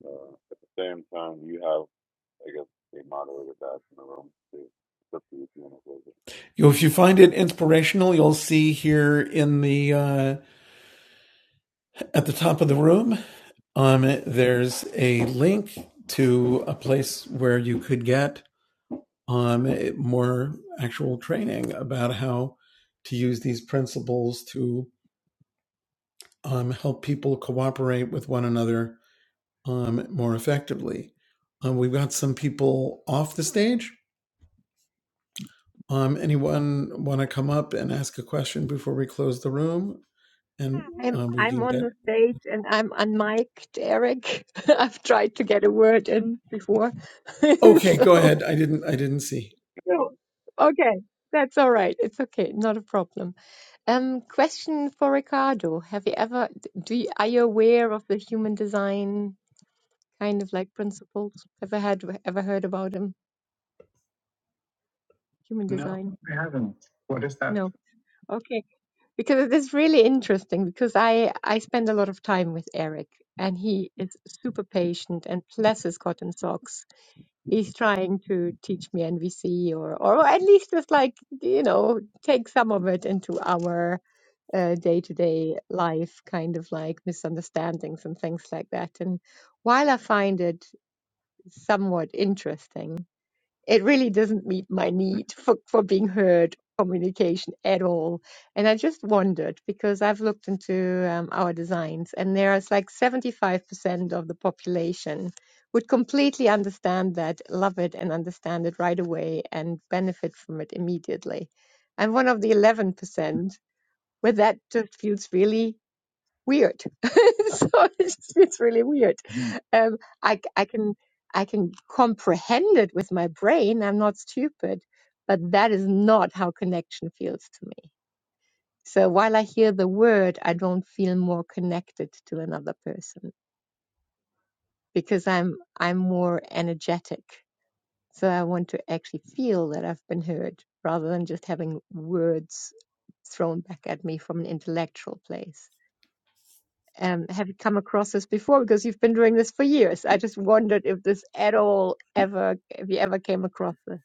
[SPEAKER 3] Uh, at the same time, you have, I guess, a moderator that's in the room too. It's up to you if you want to close
[SPEAKER 2] You, if you find it inspirational, you'll see here in the uh, at the top of the room, um, there's a link to a place where you could get um, more actual training about how to use these principles to um, help people cooperate with one another um, more effectively. Um, we've got some people off the stage Um, anyone want to come up and ask a question before we close the room, and
[SPEAKER 4] I'm
[SPEAKER 2] um, we
[SPEAKER 4] I'm
[SPEAKER 2] can
[SPEAKER 4] on
[SPEAKER 2] get.
[SPEAKER 4] the stage and I'm unmiked, Eric. (laughs) I've tried to get a word in before. (laughs)
[SPEAKER 2] Okay, go
[SPEAKER 4] So,
[SPEAKER 2] ahead. I didn't. I didn't see.
[SPEAKER 3] it.
[SPEAKER 4] so, okay, that's all right. It's okay, not a problem. Um, question for Ricardo. Have you ever do you, are you aware of the human design kind of like principles? Ever had ever heard about them? Human design? No. Okay. because it is really interesting because I I spend a lot of time with Eric and he is super patient and plus his cotton socks. He's trying to teach me NVC or or at least just like you know take some of it into our uh, day-to-day life kind of like misunderstandings and things like that. And while I find it somewhat interesting, it really doesn't meet my need for, for being heard communication at all. And I just wondered because I've looked into um, our designs, and there's like 75% of the population would completely understand that, love it, and understand it right away and benefit from it immediately. And one of the 11%, where that just feels really weird. (laughs) so it's, it's really weird. Um, I I can I can comprehend it with my brain. I'm not stupid, but that is not how connection feels to me. So while I hear the word, I don't feel more connected to another person because I'm I'm more energetic. So I want to actually feel that I've been heard rather than just having words thrown back at me from an intellectual place. Um, have you come across this before? Because you've been doing this for years. I just wondered if this at all ever, if you ever came across this.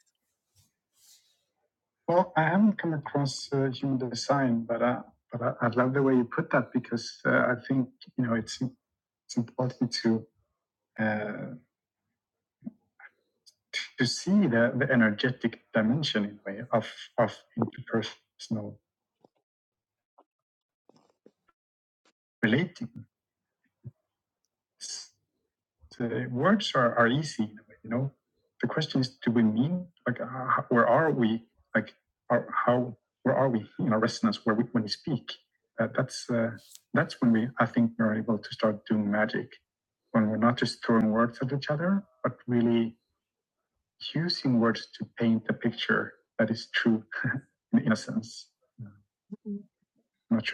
[SPEAKER 4] Mm.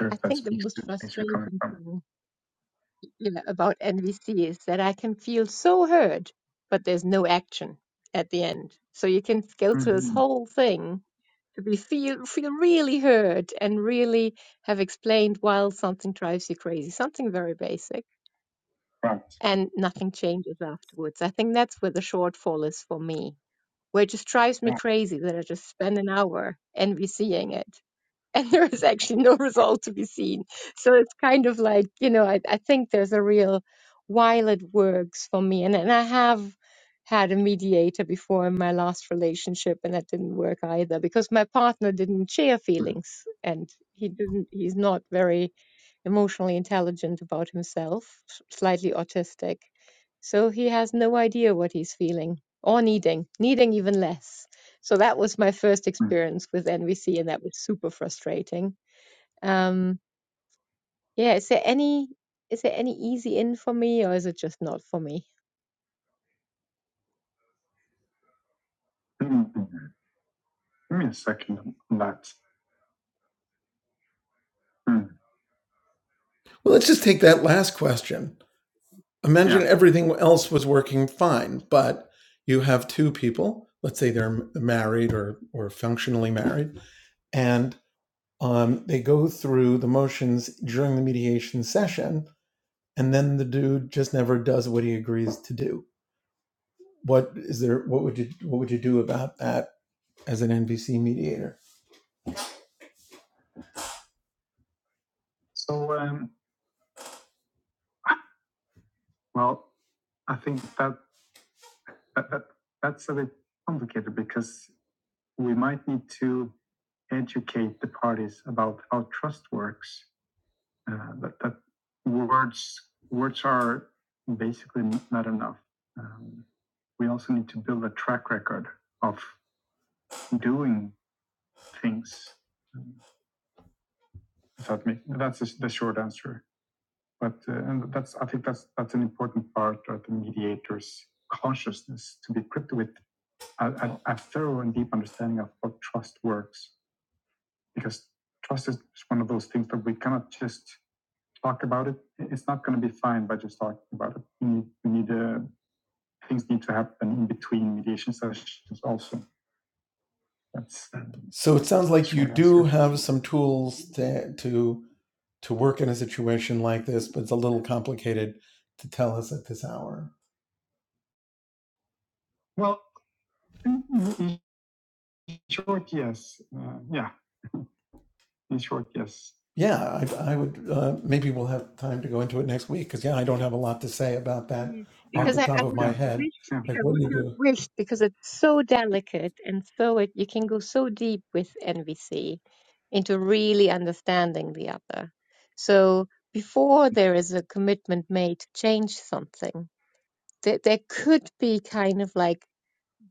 [SPEAKER 4] I think the most frustrating thing, you know, about NVC is that I can feel so hurt, but there's no action at the end. So you can go through this whole thing, to be feel feel really hurt, and really have explained while something drives you crazy, something very basic, and nothing changes afterwards. I think that's where the shortfall is for me where it just drives me crazy that I just spend an hour envy it. And (laughs) there is actually no result to be seen. So it's kind of like, you know, I, I think there's a real while it works for me. And, and I have had a mediator before in my last relationship, and that didn't work either because my partner didn't share feelings and he didn't, he's not very emotionally intelligent about himself, s- slightly autistic. So he has no idea what he's feeling or needing, needing even less. So that was my first experience with NVC, and that was super frustrating. Um, yeah, is there any is there any easy in for me, or is it just not for me?
[SPEAKER 2] Well, let's just take that last question. Imagine everything else was working fine, but you have two people. Let's say they're married or or functionally married, and um, they go through the motions during the mediation session, and then the dude just never does what he agrees to do. What is there? What would you What would you do about that? as an NVC mediator. So it sounds you have some tools to to to work in a situation like this, but it's a little complicated to tell us at this hour. Yeah, I, I would. Uh, maybe we'll have time to go into it next week because yeah, I don't have a lot to say about that at
[SPEAKER 4] Yeah, because
[SPEAKER 2] the
[SPEAKER 4] I, I
[SPEAKER 2] top of
[SPEAKER 4] would
[SPEAKER 2] my head.
[SPEAKER 4] wish,
[SPEAKER 2] Like,
[SPEAKER 4] I
[SPEAKER 2] what do
[SPEAKER 4] would
[SPEAKER 2] you do?
[SPEAKER 4] have wished, because it's so delicate and so it, you can go so deep with NVC into really understanding the other. So before there is a commitment made to change something, there, there could be kind of like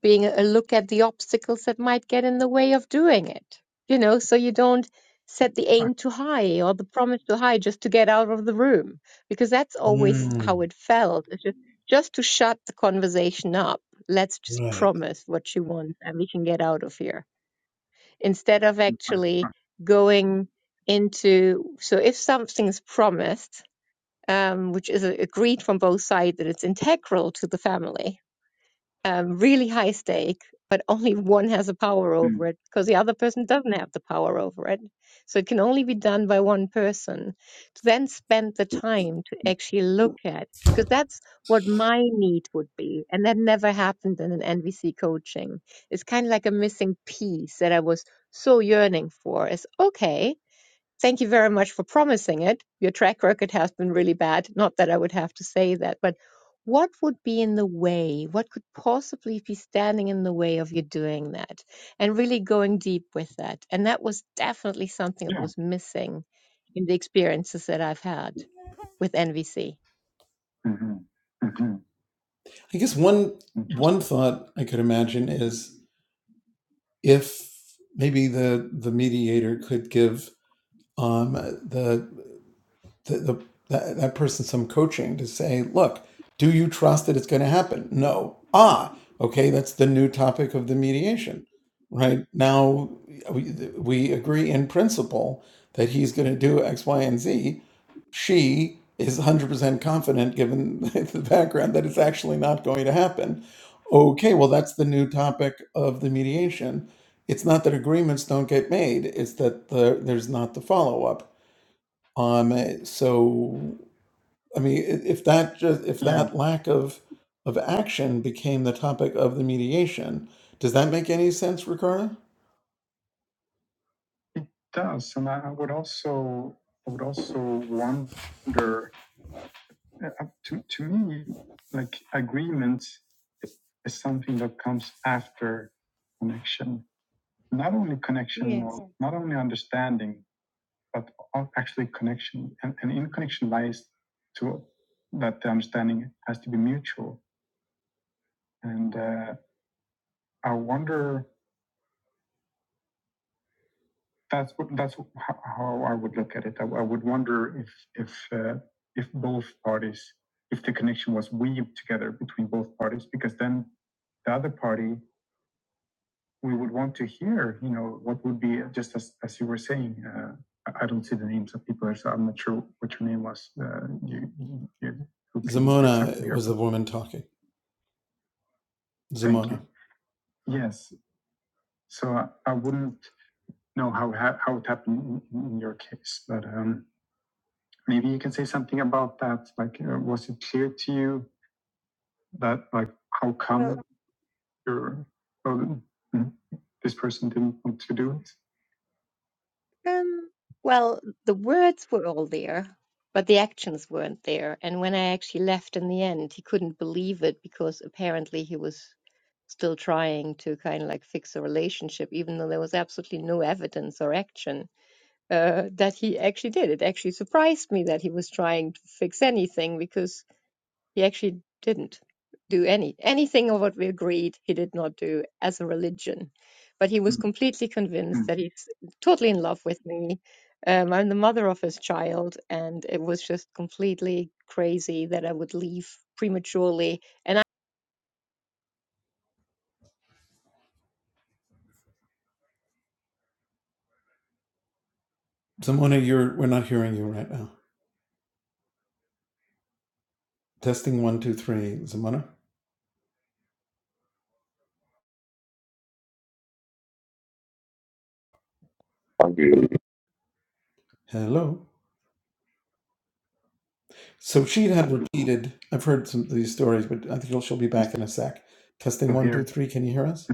[SPEAKER 4] being a look at the obstacles that might get in the way of doing it, you know, so you don't set the aim too high or the promise too high just to get out of the room, because that's always how
[SPEAKER 2] Hmm,
[SPEAKER 4] it felt. It's just, just to shut the conversation up. Let's just
[SPEAKER 2] right.
[SPEAKER 4] promise what she wants and we can get out of here instead of actually going into. So if something is promised, um, which is agreed from both sides that it's integral to the family, um, really high stake, but only one has a power over it because the other person doesn't have the power over it. So it can only be done by one person to then spend the time to actually look at, because that's what my need would be. And that never happened in an NVC coaching. It's kind of like a missing piece that I was so yearning for is okay Thank you very much for promising it. Your track record has been really bad. Not that I would have to say that, but what would be in the way? What could possibly be standing in the way of you doing that and really going deep with that? And that was definitely something that was missing in the experiences that I've had with NVC.
[SPEAKER 2] I guess one one thought I could imagine is if maybe the the mediator could give um, the the, the that, that person some coaching to say, look, do you trust that it's going to happen? No. Ah, okay, that's the new topic of the mediation, right? Now we, we agree in principle that he's going to do X, Y, and Z. She is 100% confident, given (laughs) the background, that it's actually not going to happen. Okay, well, that's the new topic of the mediation. It's not that agreements don't get made, it's that the, there's not the follow up um, eh, so, I mean, i- if that just if that lack of of action became the topic of the mediation, does that make any sense, Ricardo?
[SPEAKER 4] Yes.
[SPEAKER 2] Is the woman talking? Z-
[SPEAKER 4] Well, um, well, the words were all there, but the actions weren't there. And when I actually left in the end, he couldn't believe it because apparently he was still trying to kind of like fix a relationship, even though there was absolutely no evidence or action uh, that he actually did. It actually surprised me that he was trying to fix anything because he actually didn't do any anything of what we agreed he did not do as a religion. But he was completely convinced that he's totally in love with me. Um, I'm the mother of his child, and it was just completely crazy that I would leave prematurely. And
[SPEAKER 2] Zamona, you're we're not hearing you right now. Testing one, two, three. Zamona,
[SPEAKER 3] I agree.
[SPEAKER 2] hello. So she had repeated. I've heard some of these stories, but I think she'll she'll be back in a sec. Testing three. Can you hear us?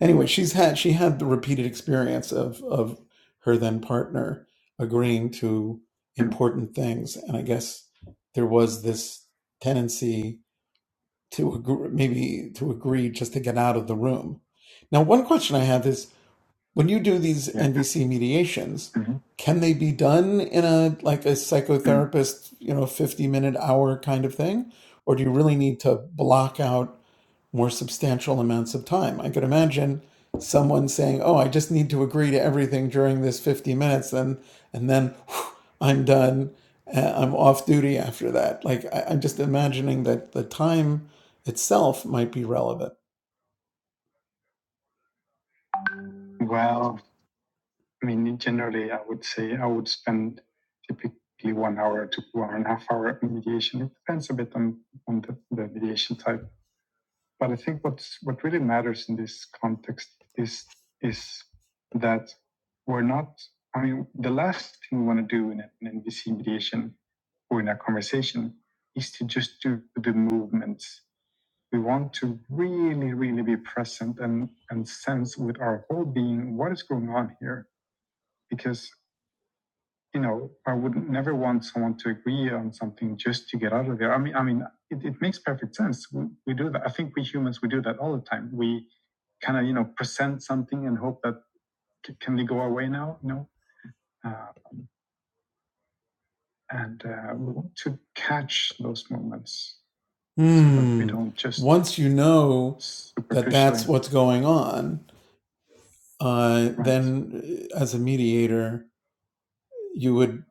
[SPEAKER 2] Anyway, she's had she had the repeated experience of of her then partner agreeing to. important things. And I guess there was this tendency to agree, maybe to agree just to get out of the room. Now, one question I have is when you do these NVC mediations, can they be done in a like a psychotherapist, you know, 50 minute hour kind of thing? Or do you really need to block out? more substantial amounts of time. I could imagine someone saying, "Oh, I just need to agree to everything during this 50 minutes, and and then whew, I'm done. uh, I'm off duty after that." Like I, I'm just imagining that the time itself might be relevant. Hmm. Once you know what's going on, uh, as a mediator, you would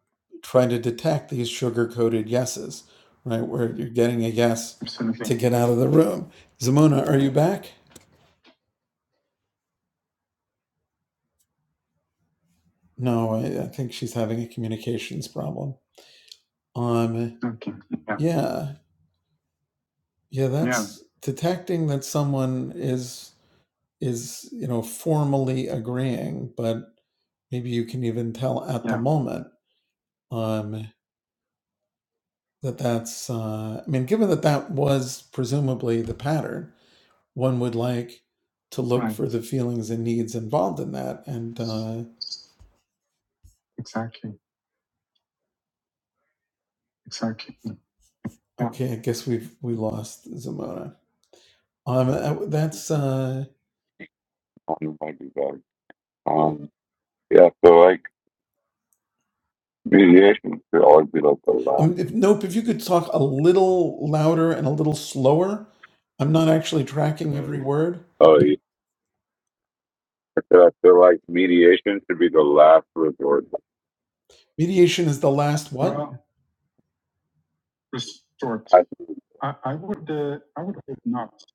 [SPEAKER 2] try to detect these sugar-coated yeses, right? Where you're getting a yes, get out of the room. Zamona, are you back? No, I, I think she's having a communications problem. Um, yeah, yeah. That's detecting that someone is is you know formally agreeing, but maybe you can even tell at moment um, that that's. Uh, I mean, given that that was presumably the pattern, one would like to look for the feelings and needs involved in that. And uh, okay, I guess we've we lost Zamora. Um, uh, that's. Uh,
[SPEAKER 3] Um, it might be better. Um, yeah, so like mediation should always be like the last.
[SPEAKER 2] Um, if, nope, if you could talk a little louder and a little slower. I'm not actually tracking every word.
[SPEAKER 3] Oh, yeah. I feel like mediation should be the last resort.
[SPEAKER 2] Mediation is the last. Why
[SPEAKER 3] I think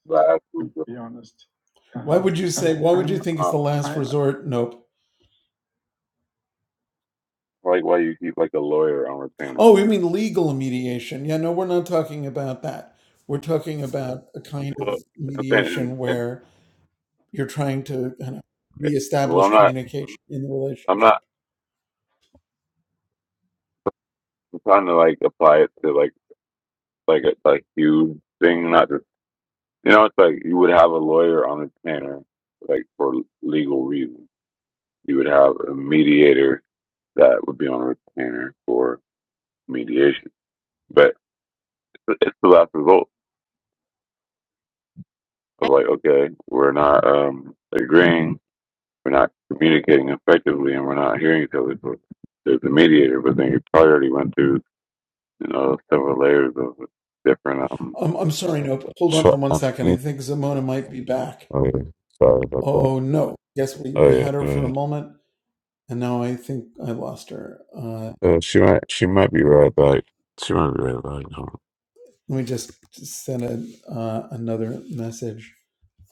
[SPEAKER 3] that was the-
[SPEAKER 2] would you think it's
[SPEAKER 3] uh,
[SPEAKER 2] the last resort? Nope.
[SPEAKER 3] like why you keep like a lawyer on retaining.
[SPEAKER 2] Oh, you mean legal mediation? Yeah, no, we're not talking about that. We're talking about a kind of
[SPEAKER 3] Well, okay, and,
[SPEAKER 2] mediation
[SPEAKER 3] and
[SPEAKER 2] where you're trying to kind of
[SPEAKER 3] eh, well, I'm
[SPEAKER 2] reestablish
[SPEAKER 3] not,
[SPEAKER 2] communication in the
[SPEAKER 3] I'm not
[SPEAKER 2] relationship.
[SPEAKER 3] I'm trying to like apply it to like like a, a huge thing. Not just you know, it's like you would have a lawyer on retainer, like for legal reasons. You would have a mediator that would be on retainer for mediation, but it's the last result of like okay, we're not um agreeing we're not communicating effectively and we're not hearing each other. So there's a mediator, but then you probably already went through, you know, several layers of different um.
[SPEAKER 2] Um, I'm sorry, no, hold on
[SPEAKER 3] Tr-
[SPEAKER 2] for one
[SPEAKER 3] um,
[SPEAKER 2] second. I
[SPEAKER 3] you-
[SPEAKER 2] think Zamona might be back.
[SPEAKER 3] oh yeah, sorry about that.
[SPEAKER 2] Oh no, yes, we,
[SPEAKER 3] Oh
[SPEAKER 2] we
[SPEAKER 3] yeah,
[SPEAKER 2] had
[SPEAKER 3] go
[SPEAKER 2] her for a
[SPEAKER 3] ahead.
[SPEAKER 2] moment, and now I think I lost her. Uh,
[SPEAKER 3] Uh, she might, she might be right back. She might be right back. Um,
[SPEAKER 2] let me just send a, uh, another message.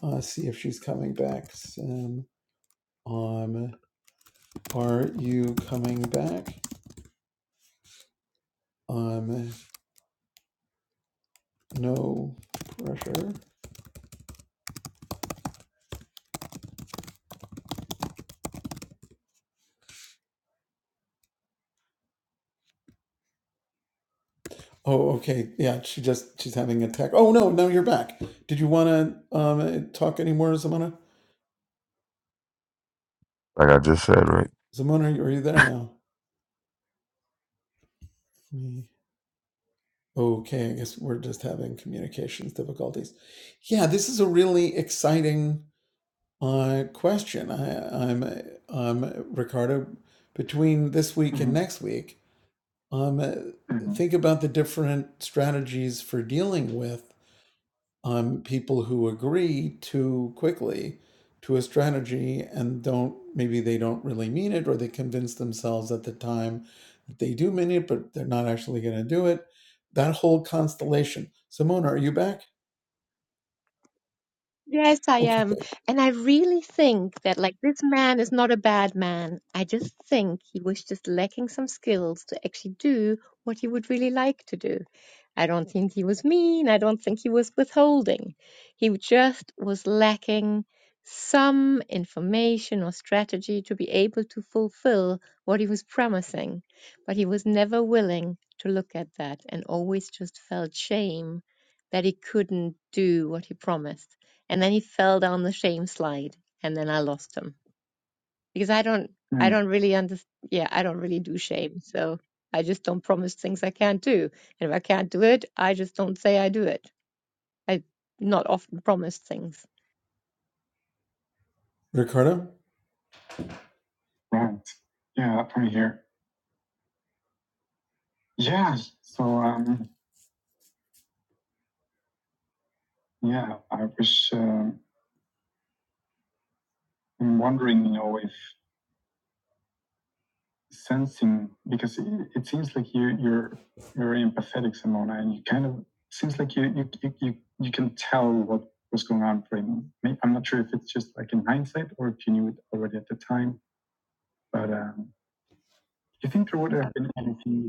[SPEAKER 2] Uh, see if she's coming back. Sam, um, are you coming back? Um, no pressure. Oh, okay. Yeah, she just she's having a tech. Oh no, now you're back. Did you want to um talk anymore, Zamona?
[SPEAKER 3] Like I just said, right?
[SPEAKER 2] Zamona, are you there now? Me. Okay, I guess we're just having communications difficulties. Yeah, this is a really exciting uh question. I, I'm um Ricardo. Between this week and next week, um, think about the different strategies for dealing with um, people who agree too quickly to a strategy and don't maybe they don't really mean it or they convince themselves at the time that they do mean it but they're not actually going to do it that whole constellation simona are you back
[SPEAKER 4] Yes, I
[SPEAKER 2] okay
[SPEAKER 4] am.
[SPEAKER 2] good.
[SPEAKER 4] And I really think that, like, this man is not a bad man. I just think he was just lacking some skills to actually do what he would really like to do. I don't think he was mean. I don't think he was withholding. He just was lacking some information or strategy to be able to fulfill what he was promising. But he was never willing to look at that and always just felt shame that he couldn't do what he promised and then he fell down the shame slide and then I lost him because I don't I don't really under yeah I don't really do shame so I just don't promise things I can't do and if I can't do it I just don't say I do it I not often promise things
[SPEAKER 2] ricardo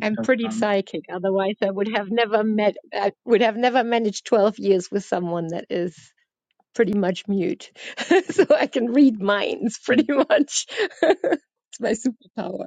[SPEAKER 4] I'm pretty psychic otherwise I would have never met I would have never managed 12 years with someone that is pretty much mute (laughs) so I can read minds pretty much (laughs) it's my superpower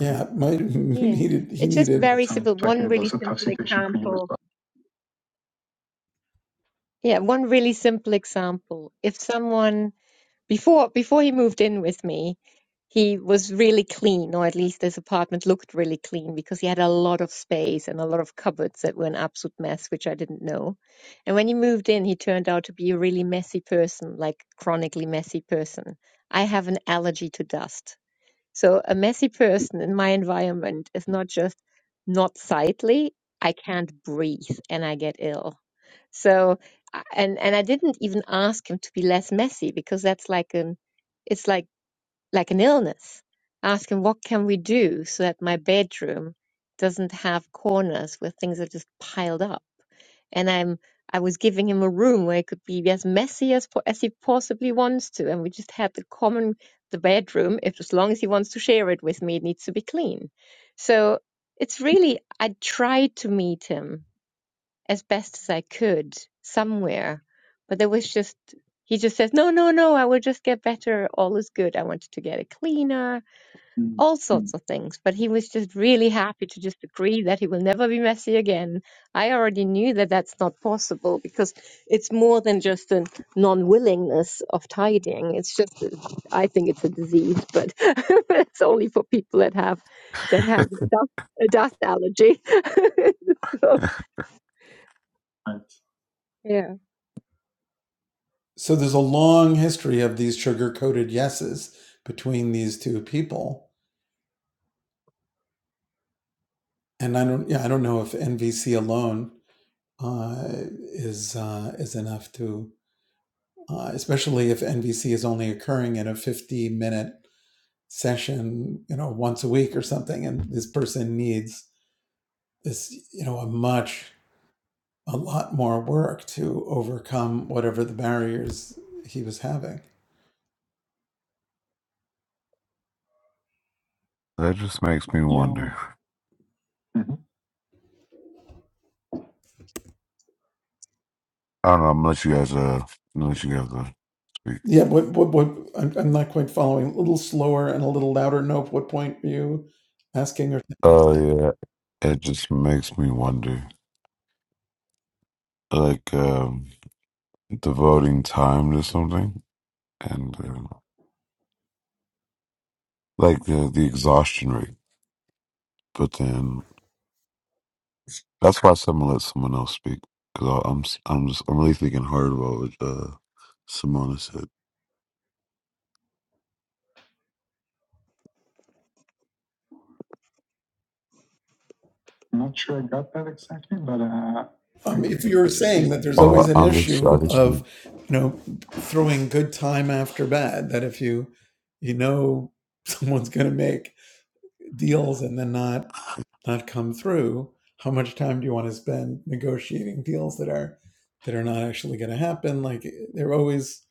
[SPEAKER 2] yeah my (laughs)
[SPEAKER 4] Yeah,
[SPEAKER 2] needed he
[SPEAKER 4] it's just
[SPEAKER 2] needed
[SPEAKER 4] very simple. One really simple example. Yeah, one really simple example. If someone Before before he moved in with me, he was really clean, or at least his apartment looked really clean because he had a lot of space and a lot of cupboards that were an absolute mess, which I didn't know. And when he moved in, he turned out to be a really messy person, like chronically messy person. I have an allergy to dust. So a messy person in my environment is not just not sightly, I can't breathe and I get ill. So, I- and and I didn't even ask him to be less messy because that's like an, it's like like an illness. Ask him what can we do so that my bedroom doesn't have corners where things are just piled up. And I'm I was giving him a room where it could be as messy as po- as he possibly wants to, and we just had the common the bedroom. If as long as he wants to share it with me, it needs to be clean. So it's really I tried to meet him as best as I could somewhere. But there was just, he just says, no, no, no, I will just get better. All is good. I wanted to get it cleaner, all sorts of things. But he was just really happy to just agree that he will never be messy again. I already knew that that's not possible because it's more than just a non willingness of tidying. It's just, I think it's a disease, but (laughs) it's only for people that have, that have dust, a dust allergy. (laughs) so, yeah.
[SPEAKER 2] so there's a long history of these sugar coated yeses between these two people and i don't yeah i don't know if nvc alone uh, is uh, is enough to, uh, especially if NVC is only occurring in a 50 minute session, you know, once a week or something, and this person needs this, you know, a much a lot more work to overcome whatever the barriers he was having.
[SPEAKER 3] That just makes me wonder. I don't know. I'm gonna let you guys, uh, I'm gonna let you guys uh, speak.
[SPEAKER 2] Yeah, what what what? I'm, I'm not quite following. A little slower and a little louder. Nope. What point are you asking or
[SPEAKER 3] Oh
[SPEAKER 2] saying?
[SPEAKER 3] yeah, it just makes me wonder, like um, devoting time to something, and. um, like the the exhaustion rate. But then that's why I said I'm gonna let someone else speak because I'm i I'm just I'm really thinking hard about what uh, Simona said. Oh, I'm just I
[SPEAKER 2] issue
[SPEAKER 3] just
[SPEAKER 2] of
[SPEAKER 3] need-
[SPEAKER 2] you know throwing good time after bad that if you you know (laughs) someone's going to make deals and then not not come through how much time do you want to spend negotiating deals that are that are not actually going to happen like they're always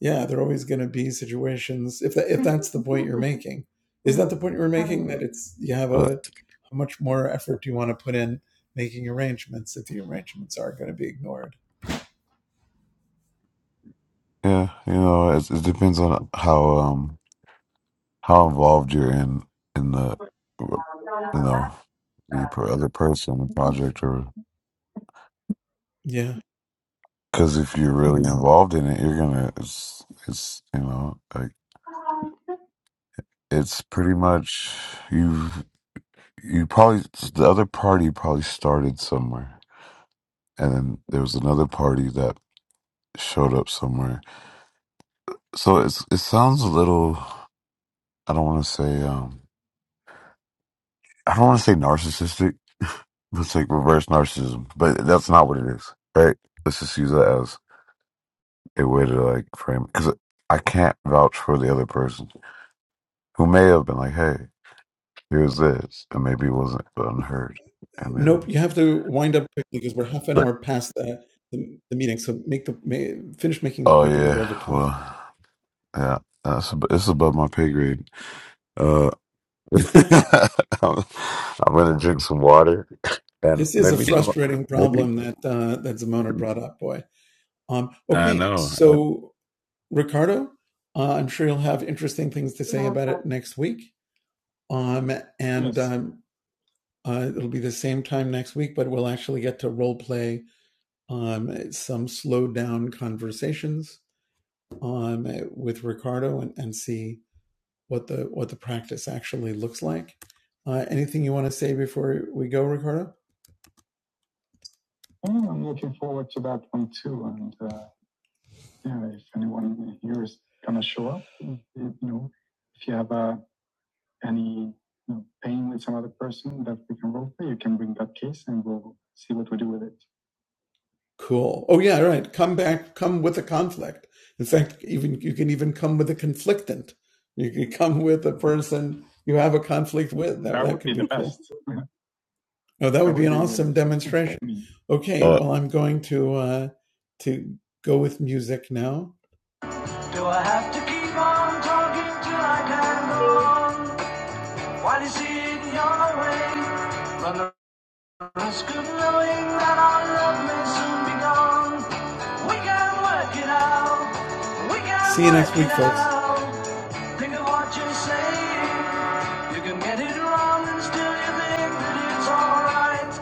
[SPEAKER 2] yeah they're always going to be situations if that, if that's the point you're making is that the point you're making that it's you have
[SPEAKER 3] but
[SPEAKER 2] a how much more effort do you want to put in making arrangements if the arrangements are going to be ignored
[SPEAKER 3] yeah, you know, it, it depends on how um how involved you're in in the you know the per- other person, the project, or
[SPEAKER 2] yeah
[SPEAKER 3] because if you're really involved in it, you're gonna it's it's you know like it's pretty much you. you probably the other party probably started somewhere and then there was another party that showed up somewhere so it's it sounds a little i don't want to say um i don't want to say narcissistic (laughs) let's like reverse narcissism but that's not what it is right let's just use that as a way to like frame because i can't vouch for the other person who may have been like hey here's this and maybe it wasn't unheard and
[SPEAKER 2] Nope,
[SPEAKER 3] then
[SPEAKER 2] you have to wind up quickly because we're half an
[SPEAKER 3] but
[SPEAKER 2] hour past the, the, the meeting. So make the may, finish making the
[SPEAKER 3] oh
[SPEAKER 2] point because we're
[SPEAKER 3] yeah
[SPEAKER 2] over time.
[SPEAKER 3] well yeah that's ab- it's above my pay grade Uh,
[SPEAKER 2] (laughs)
[SPEAKER 3] (laughs)
[SPEAKER 2] this
[SPEAKER 3] I'm, I'm gonna drink some water, and
[SPEAKER 2] is a
[SPEAKER 3] maybe tomorrow,
[SPEAKER 2] frustrating
[SPEAKER 3] maybe
[SPEAKER 2] problem that uh, that Zamona brought up, boy. Um,
[SPEAKER 3] I
[SPEAKER 2] okay,
[SPEAKER 3] know. I,
[SPEAKER 2] so Ricardo, uh, I'm sure you'll have interesting things to say next week. Um, and um, uh, it'll be the same time next week, but we'll actually get to role play um, eh, some slowed down conversations um, eh, with Ricardo and, and see what the what the practice actually looks like. Uh, anything you want to say before we go, Ricardo? Cool. Oh yeah, right. Come back. Come with a conflict. In fact, even you can even come with a conflictant. You can come with a person you have a conflict with.
[SPEAKER 4] (laughs)
[SPEAKER 2] No, that demonstrates. Okay.
[SPEAKER 3] uh,
[SPEAKER 2] Well, I'm going to uh, to go with music now. Do I have to keep on talking till I can
[SPEAKER 4] Thank
[SPEAKER 2] go
[SPEAKER 4] you.
[SPEAKER 2] on? While you see it your way, run the risk of knowing that our love may soon be gone. We can work it out. We can See you next week, folks. Think of what you're saying. You can get it wrong and still you think that it's alright.